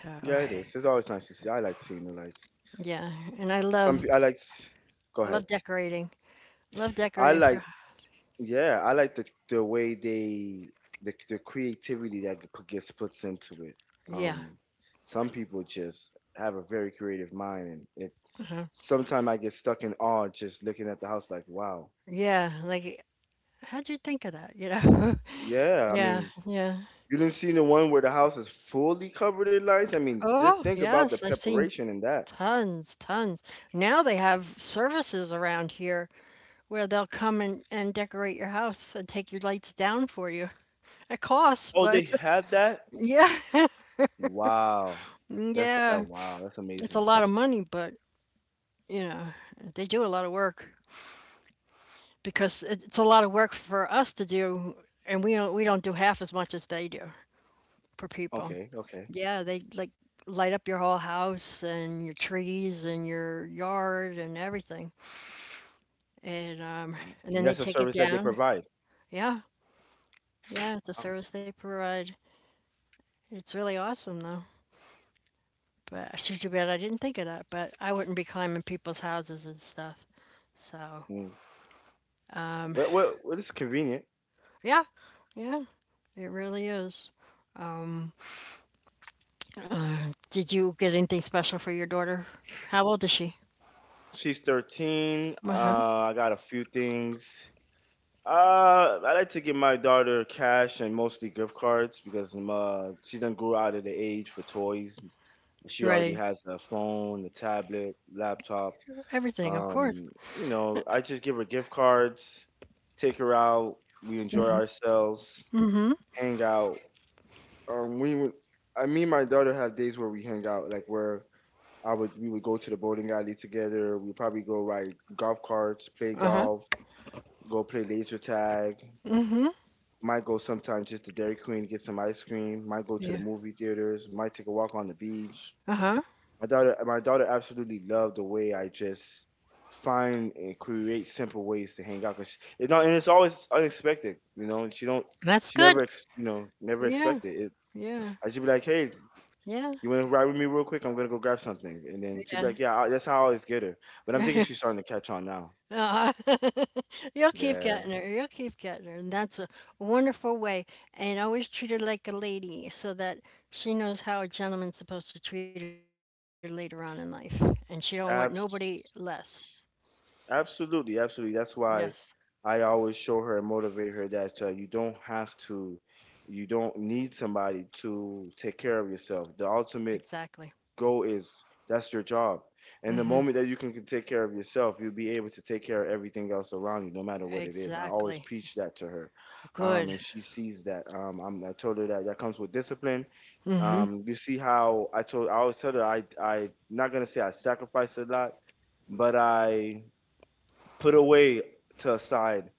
Speaker 1: So
Speaker 2: yeah, it is. It's always nice to see. I like seeing the lights.
Speaker 1: yeah, and
Speaker 2: Some, pe- I like. S- Go
Speaker 1: I
Speaker 2: ahead.
Speaker 1: love decorating. Love
Speaker 2: I
Speaker 1: decorating for
Speaker 2: like, yeah, I like the, way they, the creativity that gets puts into it.
Speaker 1: yeah.
Speaker 2: Um, some people just have a very creative mind, and it. Sometimes I get stuck in awe just looking at the house, like, wow.
Speaker 1: Yeah, like how'd you think of that, you know?
Speaker 2: Yeah, I
Speaker 1: Yeah,
Speaker 2: mean,
Speaker 1: yeah.
Speaker 2: you didn't see the one where the house is fully covered in lights. I mean, just
Speaker 1: Oh,
Speaker 2: think about the
Speaker 1: yes, I've seen
Speaker 2: preparation in that.
Speaker 1: tons, tons. Now they have services around here where they'll come and decorate your house and take your lights down for you. It costs,
Speaker 2: Oh, they
Speaker 1: but
Speaker 2: had that?
Speaker 1: yeah,
Speaker 2: Wow, that's that.
Speaker 1: yeah.
Speaker 2: Wow, that's
Speaker 1: It's a
Speaker 2: amazing.
Speaker 1: lot of money, but you know, they do a lot of work. Because it's a lot of work for us to do, and we don't do half as much as they do for people.
Speaker 2: Okay, okay.
Speaker 1: Yeah, they like light up your whole house and your trees and your yard and everything, and um, and
Speaker 2: Mm,
Speaker 1: then they
Speaker 2: that's a
Speaker 1: take it
Speaker 2: service that they
Speaker 1: down.
Speaker 2: provide.
Speaker 1: Yeah, yeah, it's a
Speaker 2: Wow.
Speaker 1: service they provide. It's really awesome though. But I should Too bad I didn't think of that. But I wouldn't be climbing people's houses and stuff. So
Speaker 2: Mm. Well, well, well, it's convenient.
Speaker 1: yeah, yeah, it really is. Did you get anything special for your daughter? How old is she?
Speaker 2: She's 13.
Speaker 1: Uh-huh.
Speaker 2: I got a few things. I like to give my daughter cash and mostly gift cards because she done grew out of the age for toys. She already
Speaker 1: Right.
Speaker 2: has a phone, a tablet, laptop.
Speaker 1: Everything, of course.
Speaker 2: You know, I just give her gift cards, take her out, we enjoy ourselves,
Speaker 1: Mhm.
Speaker 2: hang out. Um, we, would- I mean, my daughter have days where we hang out, like where I would we would go to the bowling alley together. We'd probably go ride golf carts, play
Speaker 1: Uh-huh.
Speaker 2: golf, go play laser tag. Might go sometimes just to Dairy Queen, get some ice cream. Might go to the
Speaker 1: Yeah.
Speaker 2: movie theaters. Might take a walk on the beach.
Speaker 1: Uh-huh.
Speaker 2: My daughter absolutely loved the way I just find and create simple ways to hang out. Cause she, it's not, and it's always unexpected, you know. And she don't,
Speaker 1: That's
Speaker 2: she never,
Speaker 1: good.
Speaker 2: you know, never
Speaker 1: Yeah.
Speaker 2: expected it.
Speaker 1: Yeah.
Speaker 2: I just be like, hey,
Speaker 1: Yeah.
Speaker 2: you want to ride with me real quick? I'm gonna go grab something." And then she'd be
Speaker 1: Yeah.
Speaker 2: like, "Yeah, I, that's how I always get her." But I'm thinking she's starting to catch on now.
Speaker 1: uh You'll keep
Speaker 2: Yeah,
Speaker 1: getting her. You'll keep getting her. And that's a wonderful way. And always treat her like a lady so that she knows how a gentleman's supposed to treat her later on in life. And she don't want
Speaker 2: abs-
Speaker 1: nobody less.
Speaker 2: absolutely, absolutely. That's why I
Speaker 1: Yes.
Speaker 2: always show her and motivate her that you don't have to, you don't need somebody to take care of yourself. The ultimate goal
Speaker 1: Exactly.
Speaker 2: is. That's your job. And the moment that you can take care of yourself, you'll be able to take care of everything else around you, no matter what it is. I always preach that
Speaker 1: Exactly.
Speaker 2: to her, and she
Speaker 1: Good.
Speaker 2: sees that. I told her that that comes with discipline. You see how I always tell her, I not gonna say I sacrificed a lot, but I put away to aside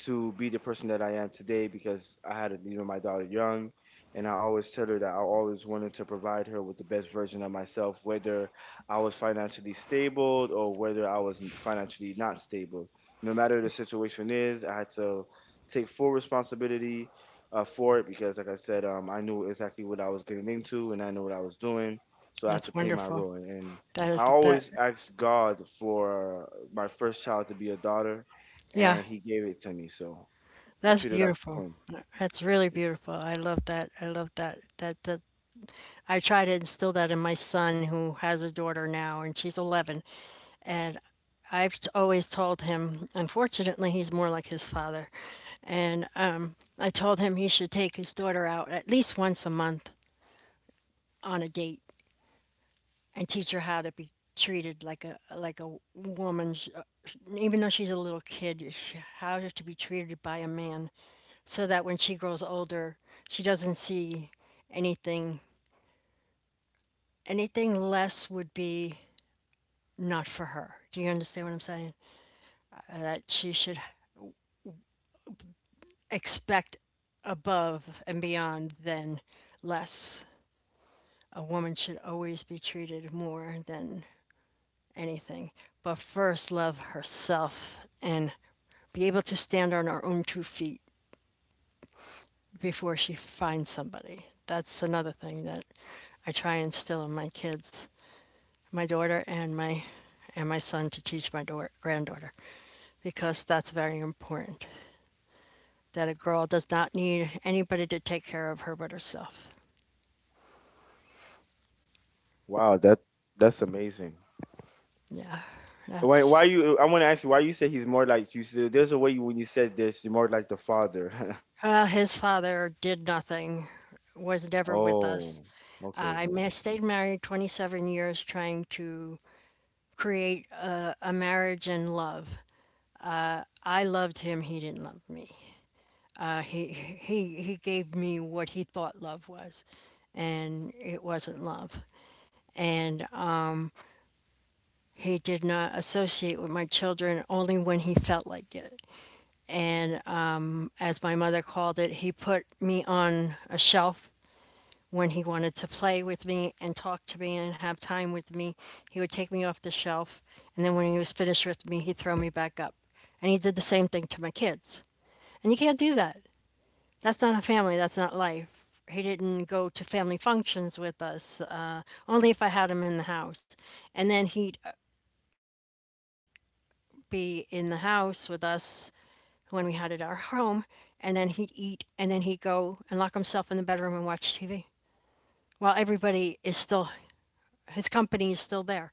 Speaker 2: to be the person that I am today, because I had, you know, my daughter young, and I always tell her that I always wanted to provide her with the best version of myself, whether I was financially stable or whether I was financially not stable. No matter the situation is, I had to take full responsibility, for it, because, like I said, I knew exactly what I was getting into and I knew what I was doing, so I have to
Speaker 1: That's
Speaker 2: play my
Speaker 1: wonderful.
Speaker 2: role and. I
Speaker 1: That
Speaker 2: always asked God for my first child to be a daughter,
Speaker 1: yeah.
Speaker 2: and He gave it to me. So I
Speaker 1: That's
Speaker 2: treat her like a
Speaker 1: beautiful.
Speaker 2: queen.
Speaker 1: That's really
Speaker 2: Yes.
Speaker 1: beautiful. I love that. I love that. I try to instill that in my son who has a daughter now and she's 11. And I've always told him, unfortunately he's more like his father. And I told him he should take his daughter out at least once a month on a date and teach her how to be treated like a woman, even though she's a little kid, how to be treated by a man, so that when she grows older, she doesn't see anything, anything less would be not for her. Do you understand what I'm saying? That she should expect above and beyond than less. A woman should always be treated more than anything, but first love herself and be able to stand on her own two feet before she finds somebody. That's another thing that I try and instill in my kids, my daughter and my son, to teach my daughter, granddaughter, because that's very important. That a girl does not need anybody to take care of her but herself.
Speaker 2: Wow, that, that's amazing.
Speaker 1: Yeah,
Speaker 2: Why
Speaker 1: that's
Speaker 2: you? I want to ask you why you say he's more like you. Said, there's a way you, when you said this, you're more like the father.
Speaker 1: His father did nothing, was never with us.
Speaker 2: Oh, okay, okay.
Speaker 1: Stayed married 27 years trying to create a marriage and love. I loved him, he didn't love me. He gave me what he thought love was, and it wasn't love. And he did not associate with my children only when he felt like it. And as my mother called it, he put me on a shelf. When he wanted to play with me and talk to me and have time with me, he would take me off the shelf. And then when he was finished with me, he'd throw me back up. And he did the same thing to my kids. And you can't do that. That's not a family. That's not life. He didn't go to family functions with us, only if I had him in the house. And then he'd be in the house with us when we had it at our home. And then he'd eat, and then he'd go and lock himself in the bedroom and watch TV while everybody is still his company is still there.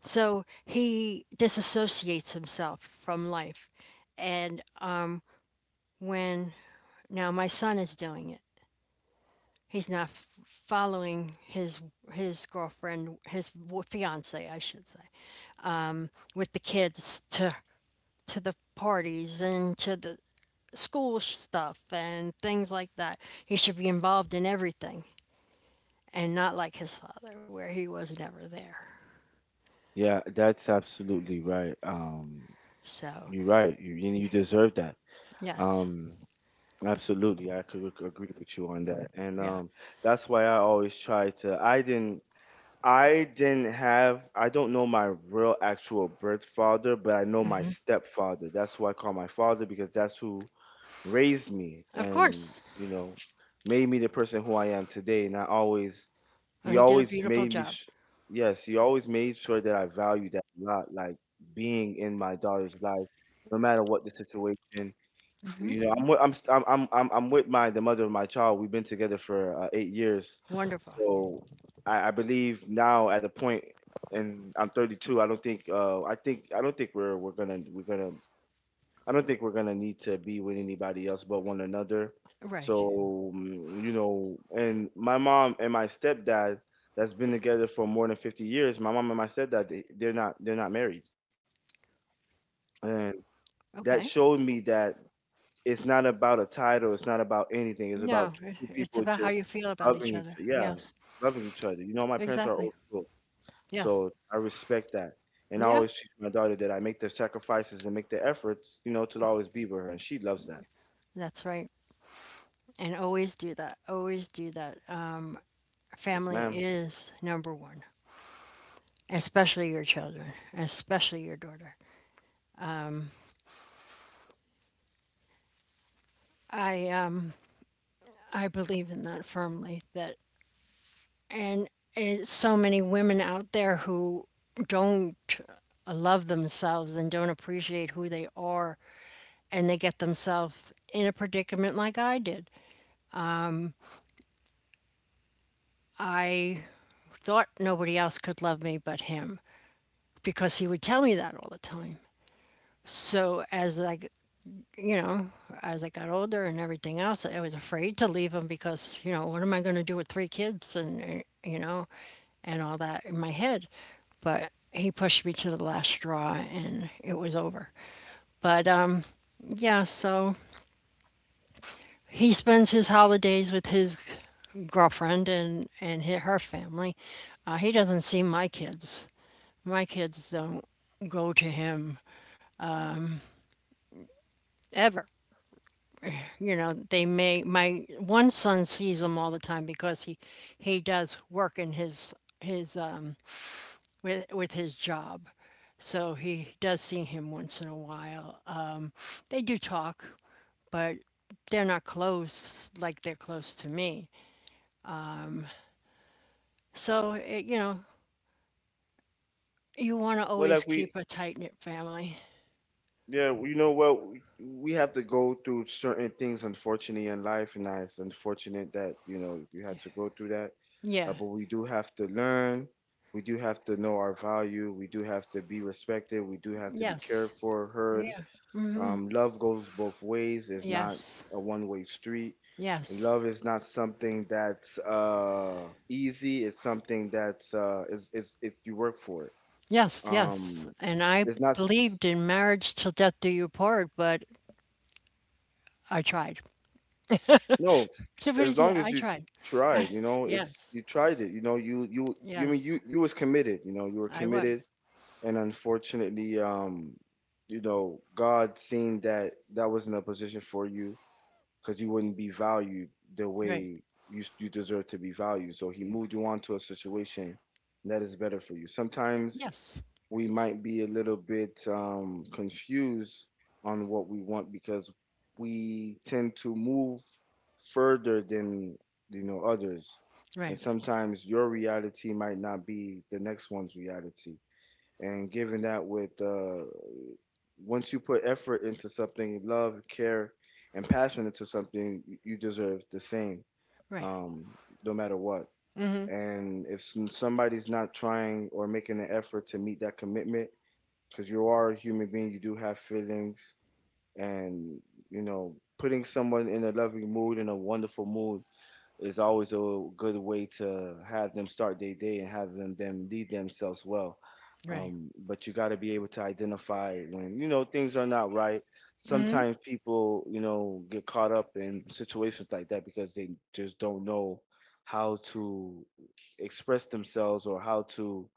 Speaker 1: So he disassociates himself from life. And when now my son is doing it, he's not following his girlfriend, his fiance, I should say, with the kids to the parties and to the school stuff and things like that. He should be involved in everything and not like his father, where he was never there.
Speaker 2: Yeah, that's absolutely right.
Speaker 1: So
Speaker 2: You're right. You deserve that.
Speaker 1: yes,
Speaker 2: Um, absolutely. I could agree with you on that. And
Speaker 1: yeah.
Speaker 2: that's why I always try to. I didn't. I didn't have, I don't know my real actual birth father, but I know my stepfather. That's who I call my father, because that's who raised me
Speaker 1: Of
Speaker 2: and,
Speaker 1: course.
Speaker 2: you know, made me the person who I am today. And I always
Speaker 1: Well,
Speaker 2: he
Speaker 1: he did a
Speaker 2: always
Speaker 1: beautiful
Speaker 2: made me
Speaker 1: job.
Speaker 2: sh- Yes, he always made sure that I valued that a lot, like being in my daughter's life, no matter what the situation. You know, I'm with, I'm, st- I'm with my the mother of my child. We've been together for 8 years.
Speaker 1: Wonderful.
Speaker 2: So I believe now at the point, and I'm 32. I don't think I think I don't think we're gonna I don't think we're gonna need to be with anybody else but one another.
Speaker 1: Right.
Speaker 2: So you know, and my mom and my stepdad that's been together for more than 50 years. My mom and my stepdad, they're not married,
Speaker 1: Okay.
Speaker 2: and that showed me that it's not about a title. It's not about anything. It's
Speaker 1: No,
Speaker 2: about two
Speaker 1: it's
Speaker 2: people
Speaker 1: about how
Speaker 2: just
Speaker 1: you feel about each
Speaker 2: loving each
Speaker 1: other.
Speaker 2: yeah,
Speaker 1: Yes.
Speaker 2: loving each other. You know, my parents are
Speaker 1: Exactly.
Speaker 2: old school,
Speaker 1: Yes.
Speaker 2: so I respect that. And I
Speaker 1: Yeah.
Speaker 2: always teach my daughter that I make the sacrifices and make the efforts, you know, to always be with her, and she loves that.
Speaker 1: That's right. And always do that. Always do that.
Speaker 2: Yes,
Speaker 1: Family
Speaker 2: ma'am.
Speaker 1: is number one, especially your children, especially your daughter. I um I believe in that firmly. That and it's so many women out there who don't love themselves and don't appreciate who they are, and they get themselves in a predicament like I did. I thought nobody else could love me but him because he would tell me that all the time. So you know, as I got older and everything else, I was afraid to leave him because, you know, what am I going to do with three kids and, you know, and all that in my head. But he pushed me to the last straw and it was over. But yeah, so he spends his holidays with his girlfriend and her family. He doesn't see my kids. My kids don't go to him ever. You know they may my one son sees him all the time because he does work in his with his job, so he does see him once in a while. They do talk, but they're not close like they're close to me. So it, you know, you want to
Speaker 2: Well,
Speaker 1: always
Speaker 2: like
Speaker 1: keep a tight knit family.
Speaker 2: yeah, you know what, we have to go through certain things, unfortunately, in life, and it's unfortunate that you know you had to go through that.
Speaker 1: Yeah,
Speaker 2: But we do have to learn. We do have to know our value. We do have to be respected. We do have to be
Speaker 1: yes,
Speaker 2: cared for, heard.
Speaker 1: yeah,
Speaker 2: Love goes both ways. It's not
Speaker 1: yes,
Speaker 2: a one-way street.
Speaker 1: yes.
Speaker 2: Love is not something that's easy. It's something that's is it you work for it.
Speaker 1: Yes, yes.
Speaker 2: Um,
Speaker 1: And I
Speaker 2: it's not.
Speaker 1: believed in marriage till death do you part, but I tried.
Speaker 2: No,
Speaker 1: So Tiffany,
Speaker 2: as long as
Speaker 1: I
Speaker 2: you
Speaker 1: tried.
Speaker 2: tried, you know, it's
Speaker 1: Yes.
Speaker 2: you tried it, you know, you I mean you
Speaker 1: Yes.
Speaker 2: you was committed, you know, you were
Speaker 1: I
Speaker 2: committed,
Speaker 1: was.
Speaker 2: and unfortunately, you know, God seeing that that wasn't a position for you because you wouldn't be valued the
Speaker 1: Right.
Speaker 2: way you deserve to be valued, so He moved you on to a situation that is better for you. Sometimes
Speaker 1: Yes.
Speaker 2: we might be a little bit confused on what we want because we tend to move further than you know others, and
Speaker 1: Right.
Speaker 2: sometimes your reality might not be the next one's reality. And given that with once you put effort into something, love, care, and passion into something, you deserve the same,
Speaker 1: Right.
Speaker 2: um, no matter what. And if somebody's not trying or making an effort to meet that commitment, because you are a human being. You do have feelings, and you know, putting someone in a loving mood, in a wonderful mood, is always a good way to have them start their day and have them lead themselves well.
Speaker 1: Right.
Speaker 2: But you got to be able to identify when you know things are not right.
Speaker 1: Hmm.
Speaker 2: Sometimes people you know get caught up in situations like that because they just don't know how to express themselves or how to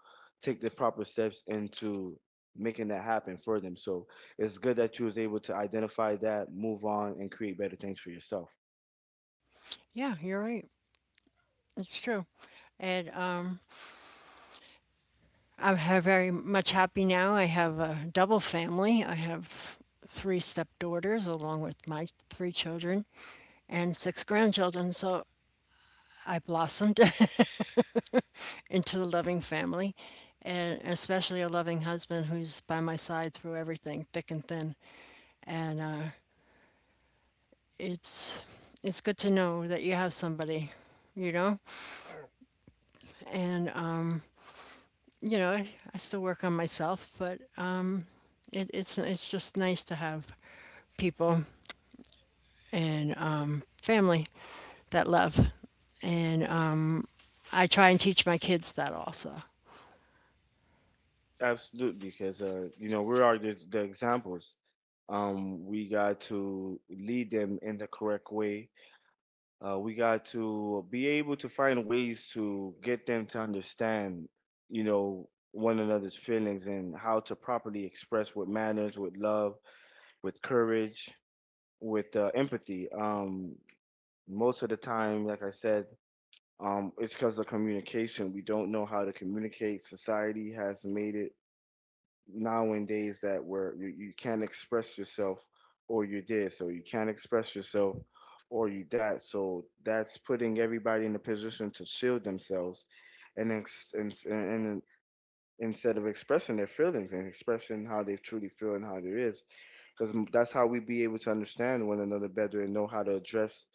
Speaker 2: take the proper steps into making that happen for them, so it's good that you was able to identify that, move on, and create better things for yourself.
Speaker 1: Yeah, you're right. It's true. And I'm very much happy now. I have a double family. I have three stepdaughters along with my three children and six grandchildren. So I blossomed into a loving family, and especially a loving husband who's by my side through everything, thick and thin. And it's it's good to know that you have somebody, you know, and you know I, I still work on myself, but it's just nice to have people and family that love, and I try and teach my kids that also.
Speaker 2: Absolutely, because you know, we are the examples. We got to lead them in the correct way. We got to be able to find ways to get them to understand, you know, one another's feelings, and how to properly express with manners, with love, with courage, with empathy. Most of the time, like I said, it's because of communication. We don't know how to communicate. Society has made it nowadays that where you can't express yourself, or you did. So you can't express yourself, or you that. So that's putting everybody in a position to shield themselves and instead of expressing their feelings and expressing how they truly feel and how there is, because that's how we be able to understand one another better and know how to address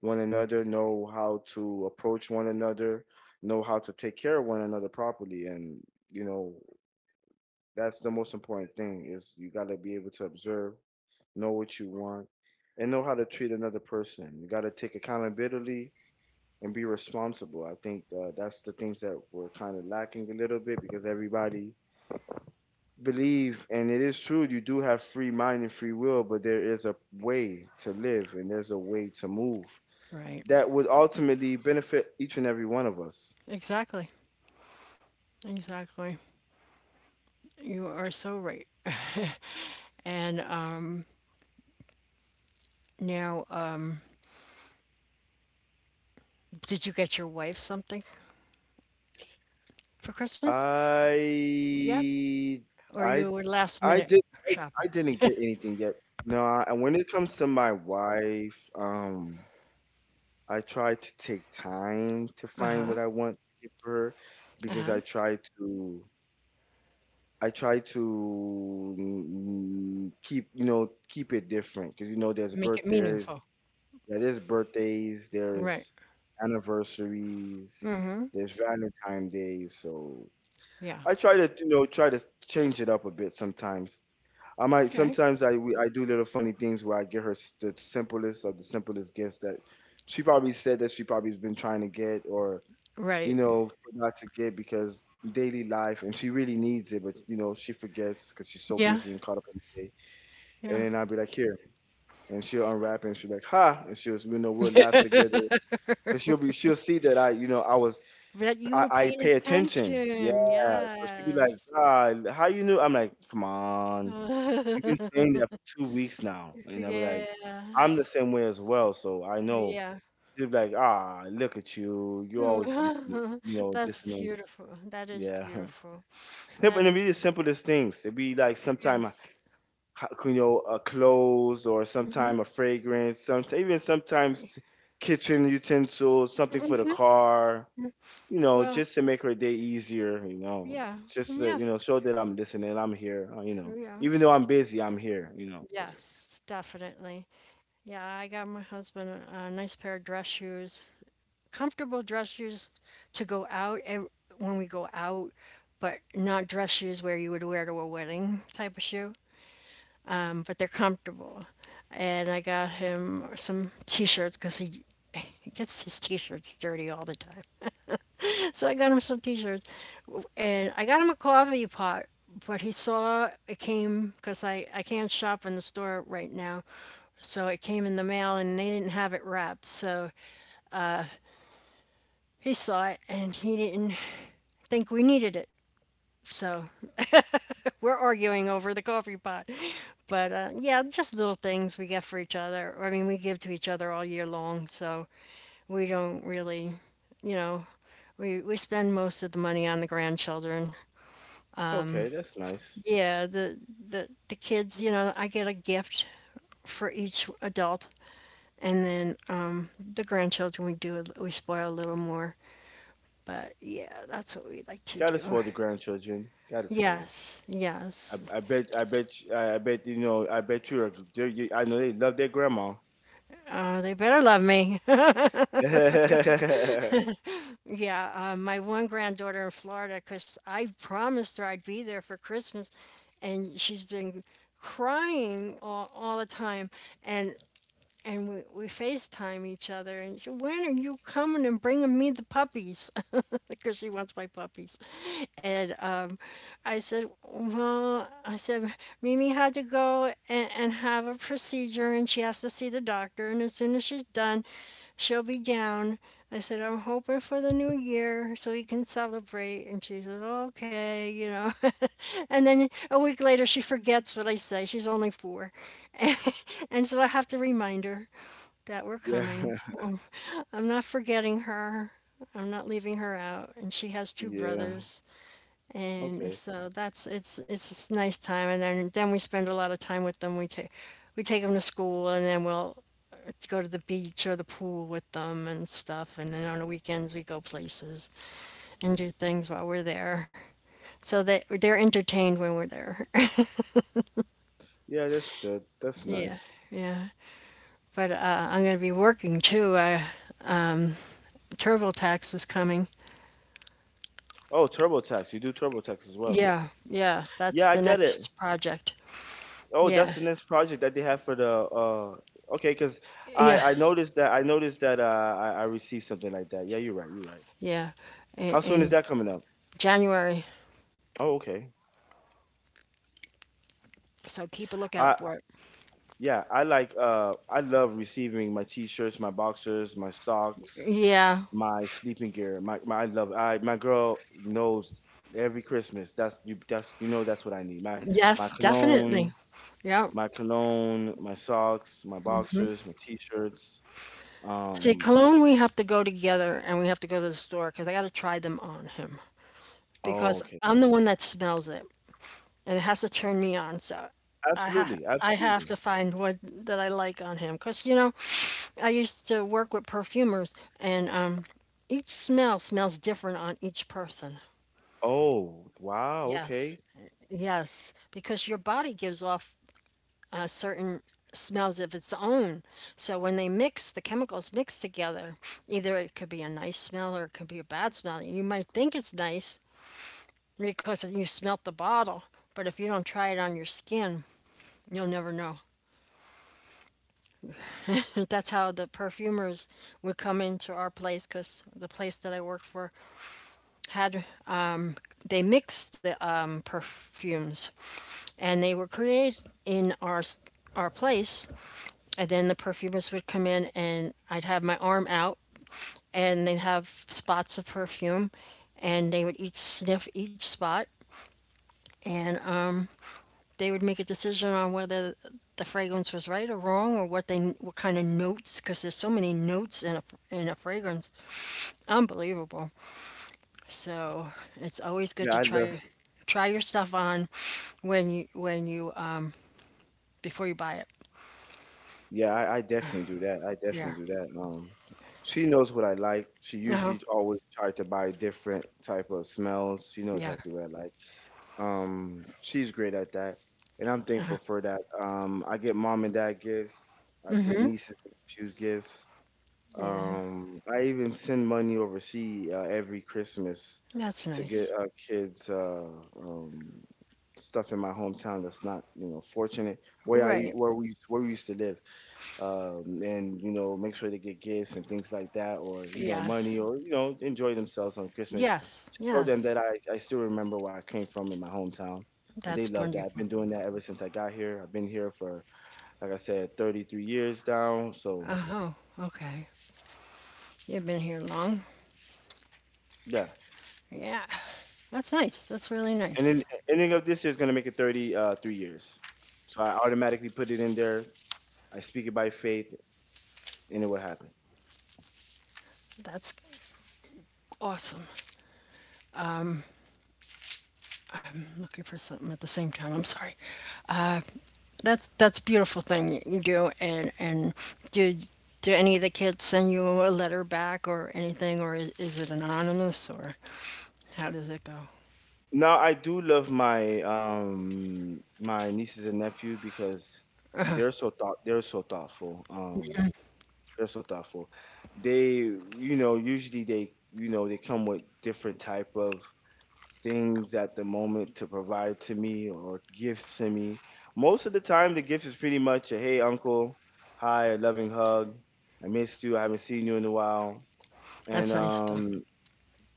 Speaker 2: one another, know how to approach one another, know how to take care of one another properly, and you know, that's the most important thing, is you got to be able to observe, know what you want, and know how to treat another person. You got to take accountability and be responsible. I think that's the things that we're kind of lacking a little bit, because everybody believe, and it is true, you do have free mind and free will, but there is a way to live, and there's a way to move
Speaker 1: Right.
Speaker 2: that would ultimately benefit each and every one of us.
Speaker 1: Exactly. Exactly. You are so right. And now, did you get your wife something for Christmas? Yet,
Speaker 2: I,
Speaker 1: or
Speaker 2: I,
Speaker 1: you were last
Speaker 2: I
Speaker 1: minute
Speaker 2: did, I, I
Speaker 1: shopper?
Speaker 2: didn't get anything yet. No, and when it comes to my wife, I try to take time to find what
Speaker 1: Uh-huh.
Speaker 2: I want to give her, because
Speaker 1: Uh-huh.
Speaker 2: I try to keep it different, because you know there's
Speaker 1: Make it
Speaker 2: birthdays.
Speaker 1: meaningful.
Speaker 2: Yeah, there's birthdays,
Speaker 1: Right.
Speaker 2: there's anniversaries, there's Valentine days. So
Speaker 1: Yeah.
Speaker 2: I try to change it up a bit sometimes. I might
Speaker 1: Okay.
Speaker 2: sometimes I do little funny things where I get her the simplest of the simplest gifts that she probably said that she probably has been trying to get, or you
Speaker 1: Right.
Speaker 2: know, forgot to get because daily life, and she really needs it, but you know, she forgets because she's so
Speaker 1: Yeah.
Speaker 2: busy and caught up in the day.
Speaker 1: Yeah.
Speaker 2: And then I'll be like, here, and she'll unwrap it, and she'll be like, ha, and she'll, you know, we'll laugh together. Cause she'll see that I, you know, I was,
Speaker 1: That you were
Speaker 2: I
Speaker 1: paying
Speaker 2: pay attention. Yeah.
Speaker 1: attention.
Speaker 2: So she'll be like,
Speaker 1: Yes.
Speaker 2: God, how you knew? I'm like, come on, you've been saying that for 2 weeks now, and I'll be like,
Speaker 1: Yeah.
Speaker 2: I'm the same way as well, so I know.
Speaker 1: Yeah.
Speaker 2: She'll be like, ah, look at you, you always listening, you know,
Speaker 1: That's
Speaker 2: listening.
Speaker 1: beautiful. That is
Speaker 2: Yeah.
Speaker 1: beautiful.
Speaker 2: Simple,
Speaker 1: That
Speaker 2: and it
Speaker 1: is
Speaker 2: be the
Speaker 1: beau-
Speaker 2: simplest things. It be like sometime,
Speaker 1: yes.
Speaker 2: you know, a clothes or
Speaker 1: Mm-hmm.
Speaker 2: sometime a fragrance, some even sometimes kitchen utensils, something for the car, you know,
Speaker 1: Well,
Speaker 2: just to make her day easier, you know,
Speaker 1: yeah.
Speaker 2: just to,
Speaker 1: Yeah.
Speaker 2: you know, show that I'm listening, I'm here, you know,
Speaker 1: Yeah.
Speaker 2: even though I'm busy, I'm here.
Speaker 1: Yes, definitely. Yeah, I got my husband a nice pair of dress shoes. Comfortable dress shoes to go out when we go out, but not dress shoes where you would wear to a wedding type of shoe. But they're comfortable. And I got him some t shirts because he gets his t shirts dirty all the time. So I got him some t shirts. And I got him a coffee pot, but he saw it came because I can't shop in the store right now. So it came in the mail and they didn't have it wrapped. So he saw it and he didn't think we needed it. So we're arguing over the coffee pot. But yeah, just little things we get for each other. I mean, we give to each other all year long. So we don't really, you know, we spend most of the money on the grandchildren.
Speaker 2: Okay, that's nice.
Speaker 1: Yeah, the kids, you know, I get a gift for each adult. And then the grandchildren, we do, we spoil a little more. But yeah, that's what we like to
Speaker 2: Gotta
Speaker 1: do.
Speaker 2: spoil the grandchildren. Gotta spoil.
Speaker 1: Yes,
Speaker 2: I,
Speaker 1: yes.
Speaker 2: I bet, I bet, y- I, I bet, you know, I bet you're, you, I know they love their grandma.
Speaker 1: They better love me.
Speaker 2: yeah.
Speaker 1: Yeah, my one granddaughter in Florida, because I promised her I'd be there for Christmas, and she's been crying all the time. And and we FaceTime each other, and she, when are you coming and bringing me the puppies? Because she wants my puppies. And I said, well, I said, Mimi had to go and have a procedure, and she has to see the doctor, and as soon as she's done, she'll be down. I said, I'm hoping for the new year so we can celebrate. And she said, okay. And then a week later, she forgets what I say. She's only four. And so I have to remind her that we're coming. Oh, I'm not forgetting her, I'm not leaving her out. And she has two
Speaker 2: Yeah.
Speaker 1: brothers. And
Speaker 2: Okay.
Speaker 1: so that's it's a nice time, and then we spend a lot of time with them. We take them to school, and then we'll go to the beach or the pool with them and stuff. And then on the weekends we go places and do things while we're there, so that they're entertained when we're there.
Speaker 2: Yeah, that's good. That's
Speaker 1: Yeah,
Speaker 2: nice.
Speaker 1: yeah. But I'm going to be working too. TurboTax is coming.
Speaker 2: Oh, TurboTax. You do TurboTax as well.
Speaker 1: Yeah, yeah. That's
Speaker 2: Yeah,
Speaker 1: the
Speaker 2: I get it.
Speaker 1: next project.
Speaker 2: Oh,
Speaker 1: Yeah,
Speaker 2: that's the next project that they have for the okay, because
Speaker 1: yeah,
Speaker 2: I noticed that I noticed that I received something like that. Yeah, you're right, you're right.
Speaker 1: yeah. In,
Speaker 2: How soon is
Speaker 1: in
Speaker 2: that coming up?
Speaker 1: January.
Speaker 2: Oh, okay.
Speaker 1: So keep a lookout
Speaker 2: I,
Speaker 1: for it.
Speaker 2: yeah, I like I love receiving my t-shirts, my boxers, my socks,
Speaker 1: Yeah.
Speaker 2: my sleeping gear. My I love I my girl knows every Christmas. That's you, that's you know, that's what I need. My
Speaker 1: Yes, definitely.
Speaker 2: cologne,
Speaker 1: Yeah.
Speaker 2: my cologne, my socks, my boxers, my t-shirts.
Speaker 1: See,
Speaker 2: Um
Speaker 1: cologne, we have to go together and we have to go to the store because I got to try them on him
Speaker 2: oh,
Speaker 1: because
Speaker 2: okay.
Speaker 1: I'm the one that smells it and it has to turn me on. So
Speaker 2: Absolutely,
Speaker 1: I have to
Speaker 2: absolutely.
Speaker 1: find what that I like on him because you know I used to work with perfumers and each smell smells different on each person.
Speaker 2: Oh, wow,
Speaker 1: Yes.
Speaker 2: okay.
Speaker 1: Yes, because your body gives off certain smells of its own. So when they mix, the chemicals mix together, either it could be a nice smell or it could be a bad smell. You might think it's nice because you smelt the bottle, but if you don't try it on your skin, you'll never know. That's how the perfumers would come into our place because the place that I worked for had, they mixed the perfumes and they were created in our place and then the perfumers would come in and I'd have my arm out and they'd have spots of perfume and they would each sniff each spot and they would make a decision on whether the fragrance was right or wrong or what kind of notes because there's so many notes in in a fragrance, unbelievable. So it's always good
Speaker 2: Yeah,
Speaker 1: to
Speaker 2: I love,
Speaker 1: try your stuff on when you before you buy it.
Speaker 2: yeah, I definitely do that. I
Speaker 1: Yeah.
Speaker 2: definitely do that. She knows what I like. She
Speaker 1: Uh-huh.
Speaker 2: usually always tries to buy different type of smells. She knows
Speaker 1: Yeah.
Speaker 2: exactly what I like. She's great at that, and I'm thankful for that. I get mom and dad gifts. I get nieces and nephews gifts.
Speaker 1: Yeah.
Speaker 2: I even send money overseas every Christmas
Speaker 1: That's
Speaker 2: to get
Speaker 1: nice.
Speaker 2: kids um, stuff in my hometown that's not, you know, fortunate,
Speaker 1: Right.
Speaker 2: where we used to live, and you know, make sure they get gifts and things like that, or you know money,
Speaker 1: Yes.
Speaker 2: or you know, enjoy themselves on Christmas,
Speaker 1: Yes,
Speaker 2: to show them
Speaker 1: yes.
Speaker 2: that I still remember where I came from in my hometown. And they
Speaker 1: That's
Speaker 2: love that. I've
Speaker 1: wonderful.
Speaker 2: been doing that ever since I got here. I've been here for, like I said, 33 years now. So
Speaker 1: Oh, okay. You've been here long?
Speaker 2: yeah,
Speaker 1: Yeah. That's nice. That's really
Speaker 2: and
Speaker 1: nice.
Speaker 2: then ending of this year is gonna make it 30 uh, 3 years. So I automatically put it in there. I speak it by faith, and it will happen.
Speaker 1: That's awesome. I'm looking for something at the same time. I'm sorry. Uh, that's a beautiful thing you do. And do do any of the kids send you a letter back or anything, or is it anonymous, or how does it go?
Speaker 2: Now I do love my my nieces and nephew because they're so thoughtful. They're so thoughtful. They, you know, usually they, you know, they come with different type of things at the moment to provide to me, or gifts to me. Most of the time, the gift is pretty much a hey uncle, hi, a loving hug. I missed you. I haven't seen you in a while.
Speaker 1: That's
Speaker 2: And
Speaker 1: nice though.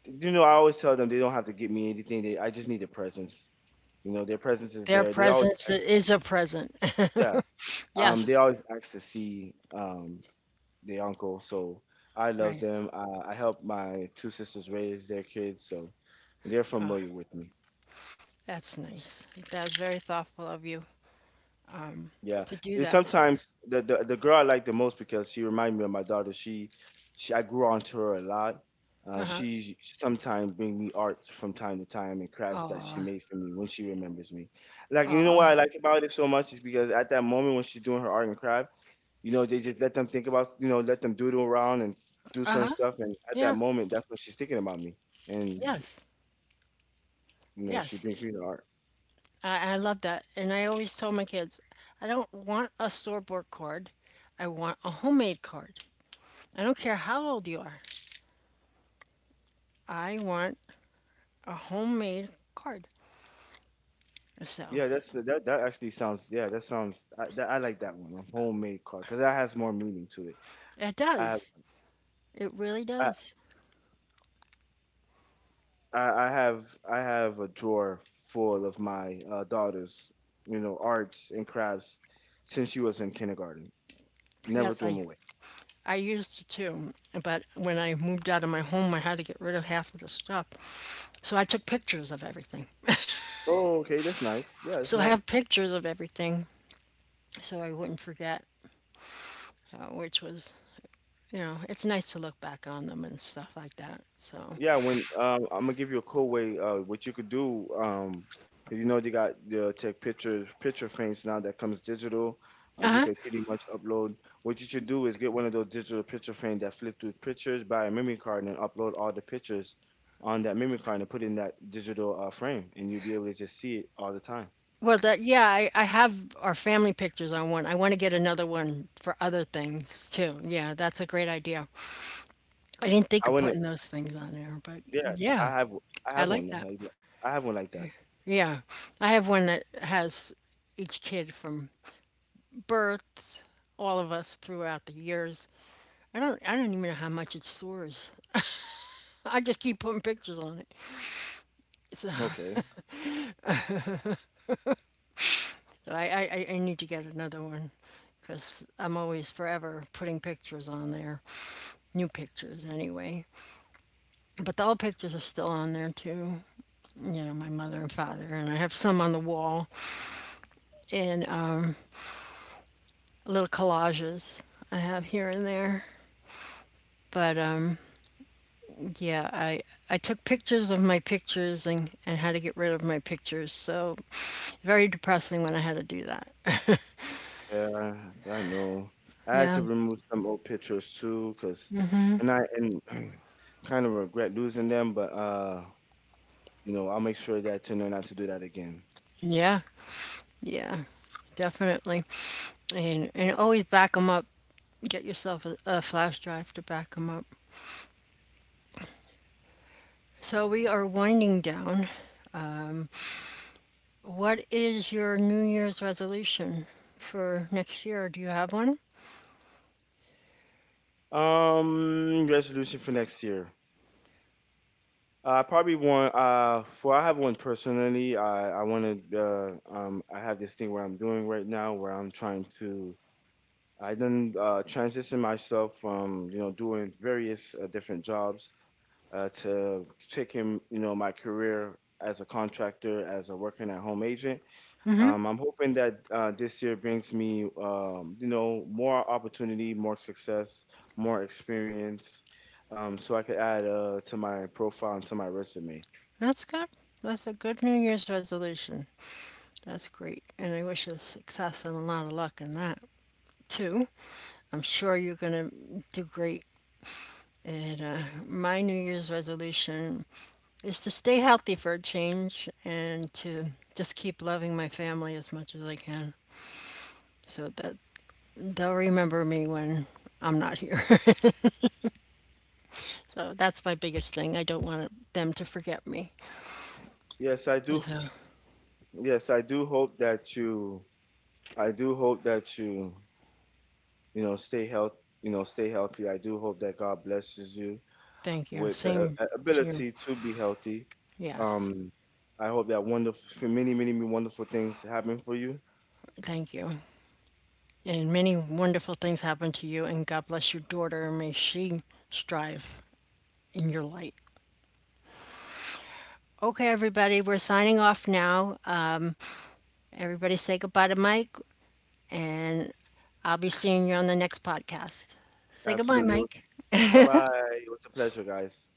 Speaker 2: you know, I always tell them they don't have to give me anything. They, I just need their presence. You know, their presence is
Speaker 1: Their
Speaker 2: there. They always
Speaker 1: presence
Speaker 2: ask,
Speaker 1: is a present.
Speaker 2: yeah,
Speaker 1: Yes.
Speaker 2: they always ask to see their uncle. So I love
Speaker 1: Right.
Speaker 2: them. I help my two sisters raise their kids, so they're familiar with me.
Speaker 1: That's nice. That was very thoughtful of you
Speaker 2: Yeah,
Speaker 1: to do
Speaker 2: and
Speaker 1: that.
Speaker 2: sometimes the, the girl I like the most, because she remind me of my daughter. She I grew onto her a lot. She sometimes bring me art from time to time and crafts that she
Speaker 1: Aw,
Speaker 2: made for me when she remembers me. Like, you know
Speaker 1: aw.
Speaker 2: what I like about it so much is because at that moment when she's doing her art and craft, you know, they just let them think about, you know, let them doodle around and do certain
Speaker 1: Uh-huh.
Speaker 2: stuff, and at that
Speaker 1: Yeah.
Speaker 2: moment that's when she's thinking about me, and
Speaker 1: Yes.
Speaker 2: you know, she
Speaker 1: Yes.
Speaker 2: brings me the art.
Speaker 1: I love that. And I always tell my kids, I don't want a store-bought card. I want a homemade card. I don't care how old you are. I want a homemade card. So
Speaker 2: Yeah, that's that. That actually sounds. Yeah, that sounds. I, that, I like that one. A homemade card, because that has more meaning to it.
Speaker 1: it
Speaker 2: I have.
Speaker 1: does. It really
Speaker 2: I,
Speaker 1: does.
Speaker 2: I have. I have a drawer full of my daughter's, you know, arts and crafts since she was in kindergarten. Never
Speaker 1: Yes,
Speaker 2: threw them away.
Speaker 1: I used to too, but when I moved out of my home, I had to get rid of half of the stuff. So I took pictures of everything.
Speaker 2: Oh, okay, that's nice. Yeah, it's
Speaker 1: So
Speaker 2: nice.
Speaker 1: have pictures of everything so I wouldn't forget, which was, you know, it's nice to look back on them and stuff like that. So,
Speaker 2: Yeah, when I'm gonna give you a cool way. What you could do, 'cause you know, they got the take pictures, picture frames now that comes digital.
Speaker 1: uh
Speaker 2: You
Speaker 1: huh.
Speaker 2: can pretty much upload. What you should do is get one of those digital picture frames that flip through pictures, buy a memory card, and upload all the pictures on that memory card and put in that digital frame, and you'll be able to just see it all the time.
Speaker 1: Well, that, yeah, I have our family pictures on one. I want to get another one for other things too. Yeah, that's a great idea. I didn't
Speaker 2: I
Speaker 1: think of
Speaker 2: wanna,
Speaker 1: putting those things on there, but
Speaker 2: yeah, I
Speaker 1: yeah,
Speaker 2: have, I
Speaker 1: I
Speaker 2: have one.
Speaker 1: like
Speaker 2: That-
Speaker 1: that.
Speaker 2: I have one like that.
Speaker 1: Yeah, I have one that has each kid from birth, all of us throughout the years. I don't even know how much it stores. I just keep putting pictures on it. So,
Speaker 2: Okay.
Speaker 1: so I need to get another one because I'm always forever putting pictures on there, new pictures anyway. But the old pictures are still on there too, you know, my mother and father, and I have some on the wall and little collages I have here and there. But yeah, I took pictures of my pictures and had to get rid of my pictures. So very depressing when I had to do that.
Speaker 2: Yeah, I know. I had to
Speaker 1: Yeah,
Speaker 2: remove some old pictures too, cause, and I and kind of regret losing them, but you know, I'll make sure that to know not to do that again.
Speaker 1: yeah, yeah, definitely. And always back them up. Get yourself a flash drive to back them up. So we are winding down. Um, what is your New Year's resolution for next year? Do you have one?
Speaker 2: Resolution for next year. I probably want for I have one personally. I want to I have this thing where I'm doing right now where I'm trying to I then transition myself from, you know, doing various different jobs, to take him, you know, my career as a contractor, as a working at home agent.
Speaker 1: Mm-hmm.
Speaker 2: I'm hoping that this year brings me, you know, more opportunity, more success, more experience, so I could add to my profile and to my resume.
Speaker 1: That's good. That's a good New Year's resolution. That's great, and I wish you success and a lot of luck in that too. I'm sure you're gonna do great. And my New Year's resolution is to stay healthy for a change and to just keep loving my family as much as I can so that they'll remember me when I'm not here. So that's my biggest thing. I don't want them to forget me.
Speaker 2: Yes, I do.
Speaker 1: So
Speaker 2: Yes, I do hope that you. I do hope that you know, stay healthy. You know, stay healthy. I do hope that God blesses you
Speaker 1: thank you.
Speaker 2: with the
Speaker 1: Same to you.
Speaker 2: ability to be healthy.
Speaker 1: Yes.
Speaker 2: Um, I hope that wonderful, many, many, many wonderful things happen for you.
Speaker 1: Thank you. And many wonderful things happen to you, and God bless your daughter, and may she strive in your light. Okay, everybody, we're signing off now. Everybody say goodbye to Mike. And I'll be seeing you on the next podcast. Say goodbye,
Speaker 2: Absolutely.
Speaker 1: Mike.
Speaker 2: Bye bye. It was a pleasure, guys.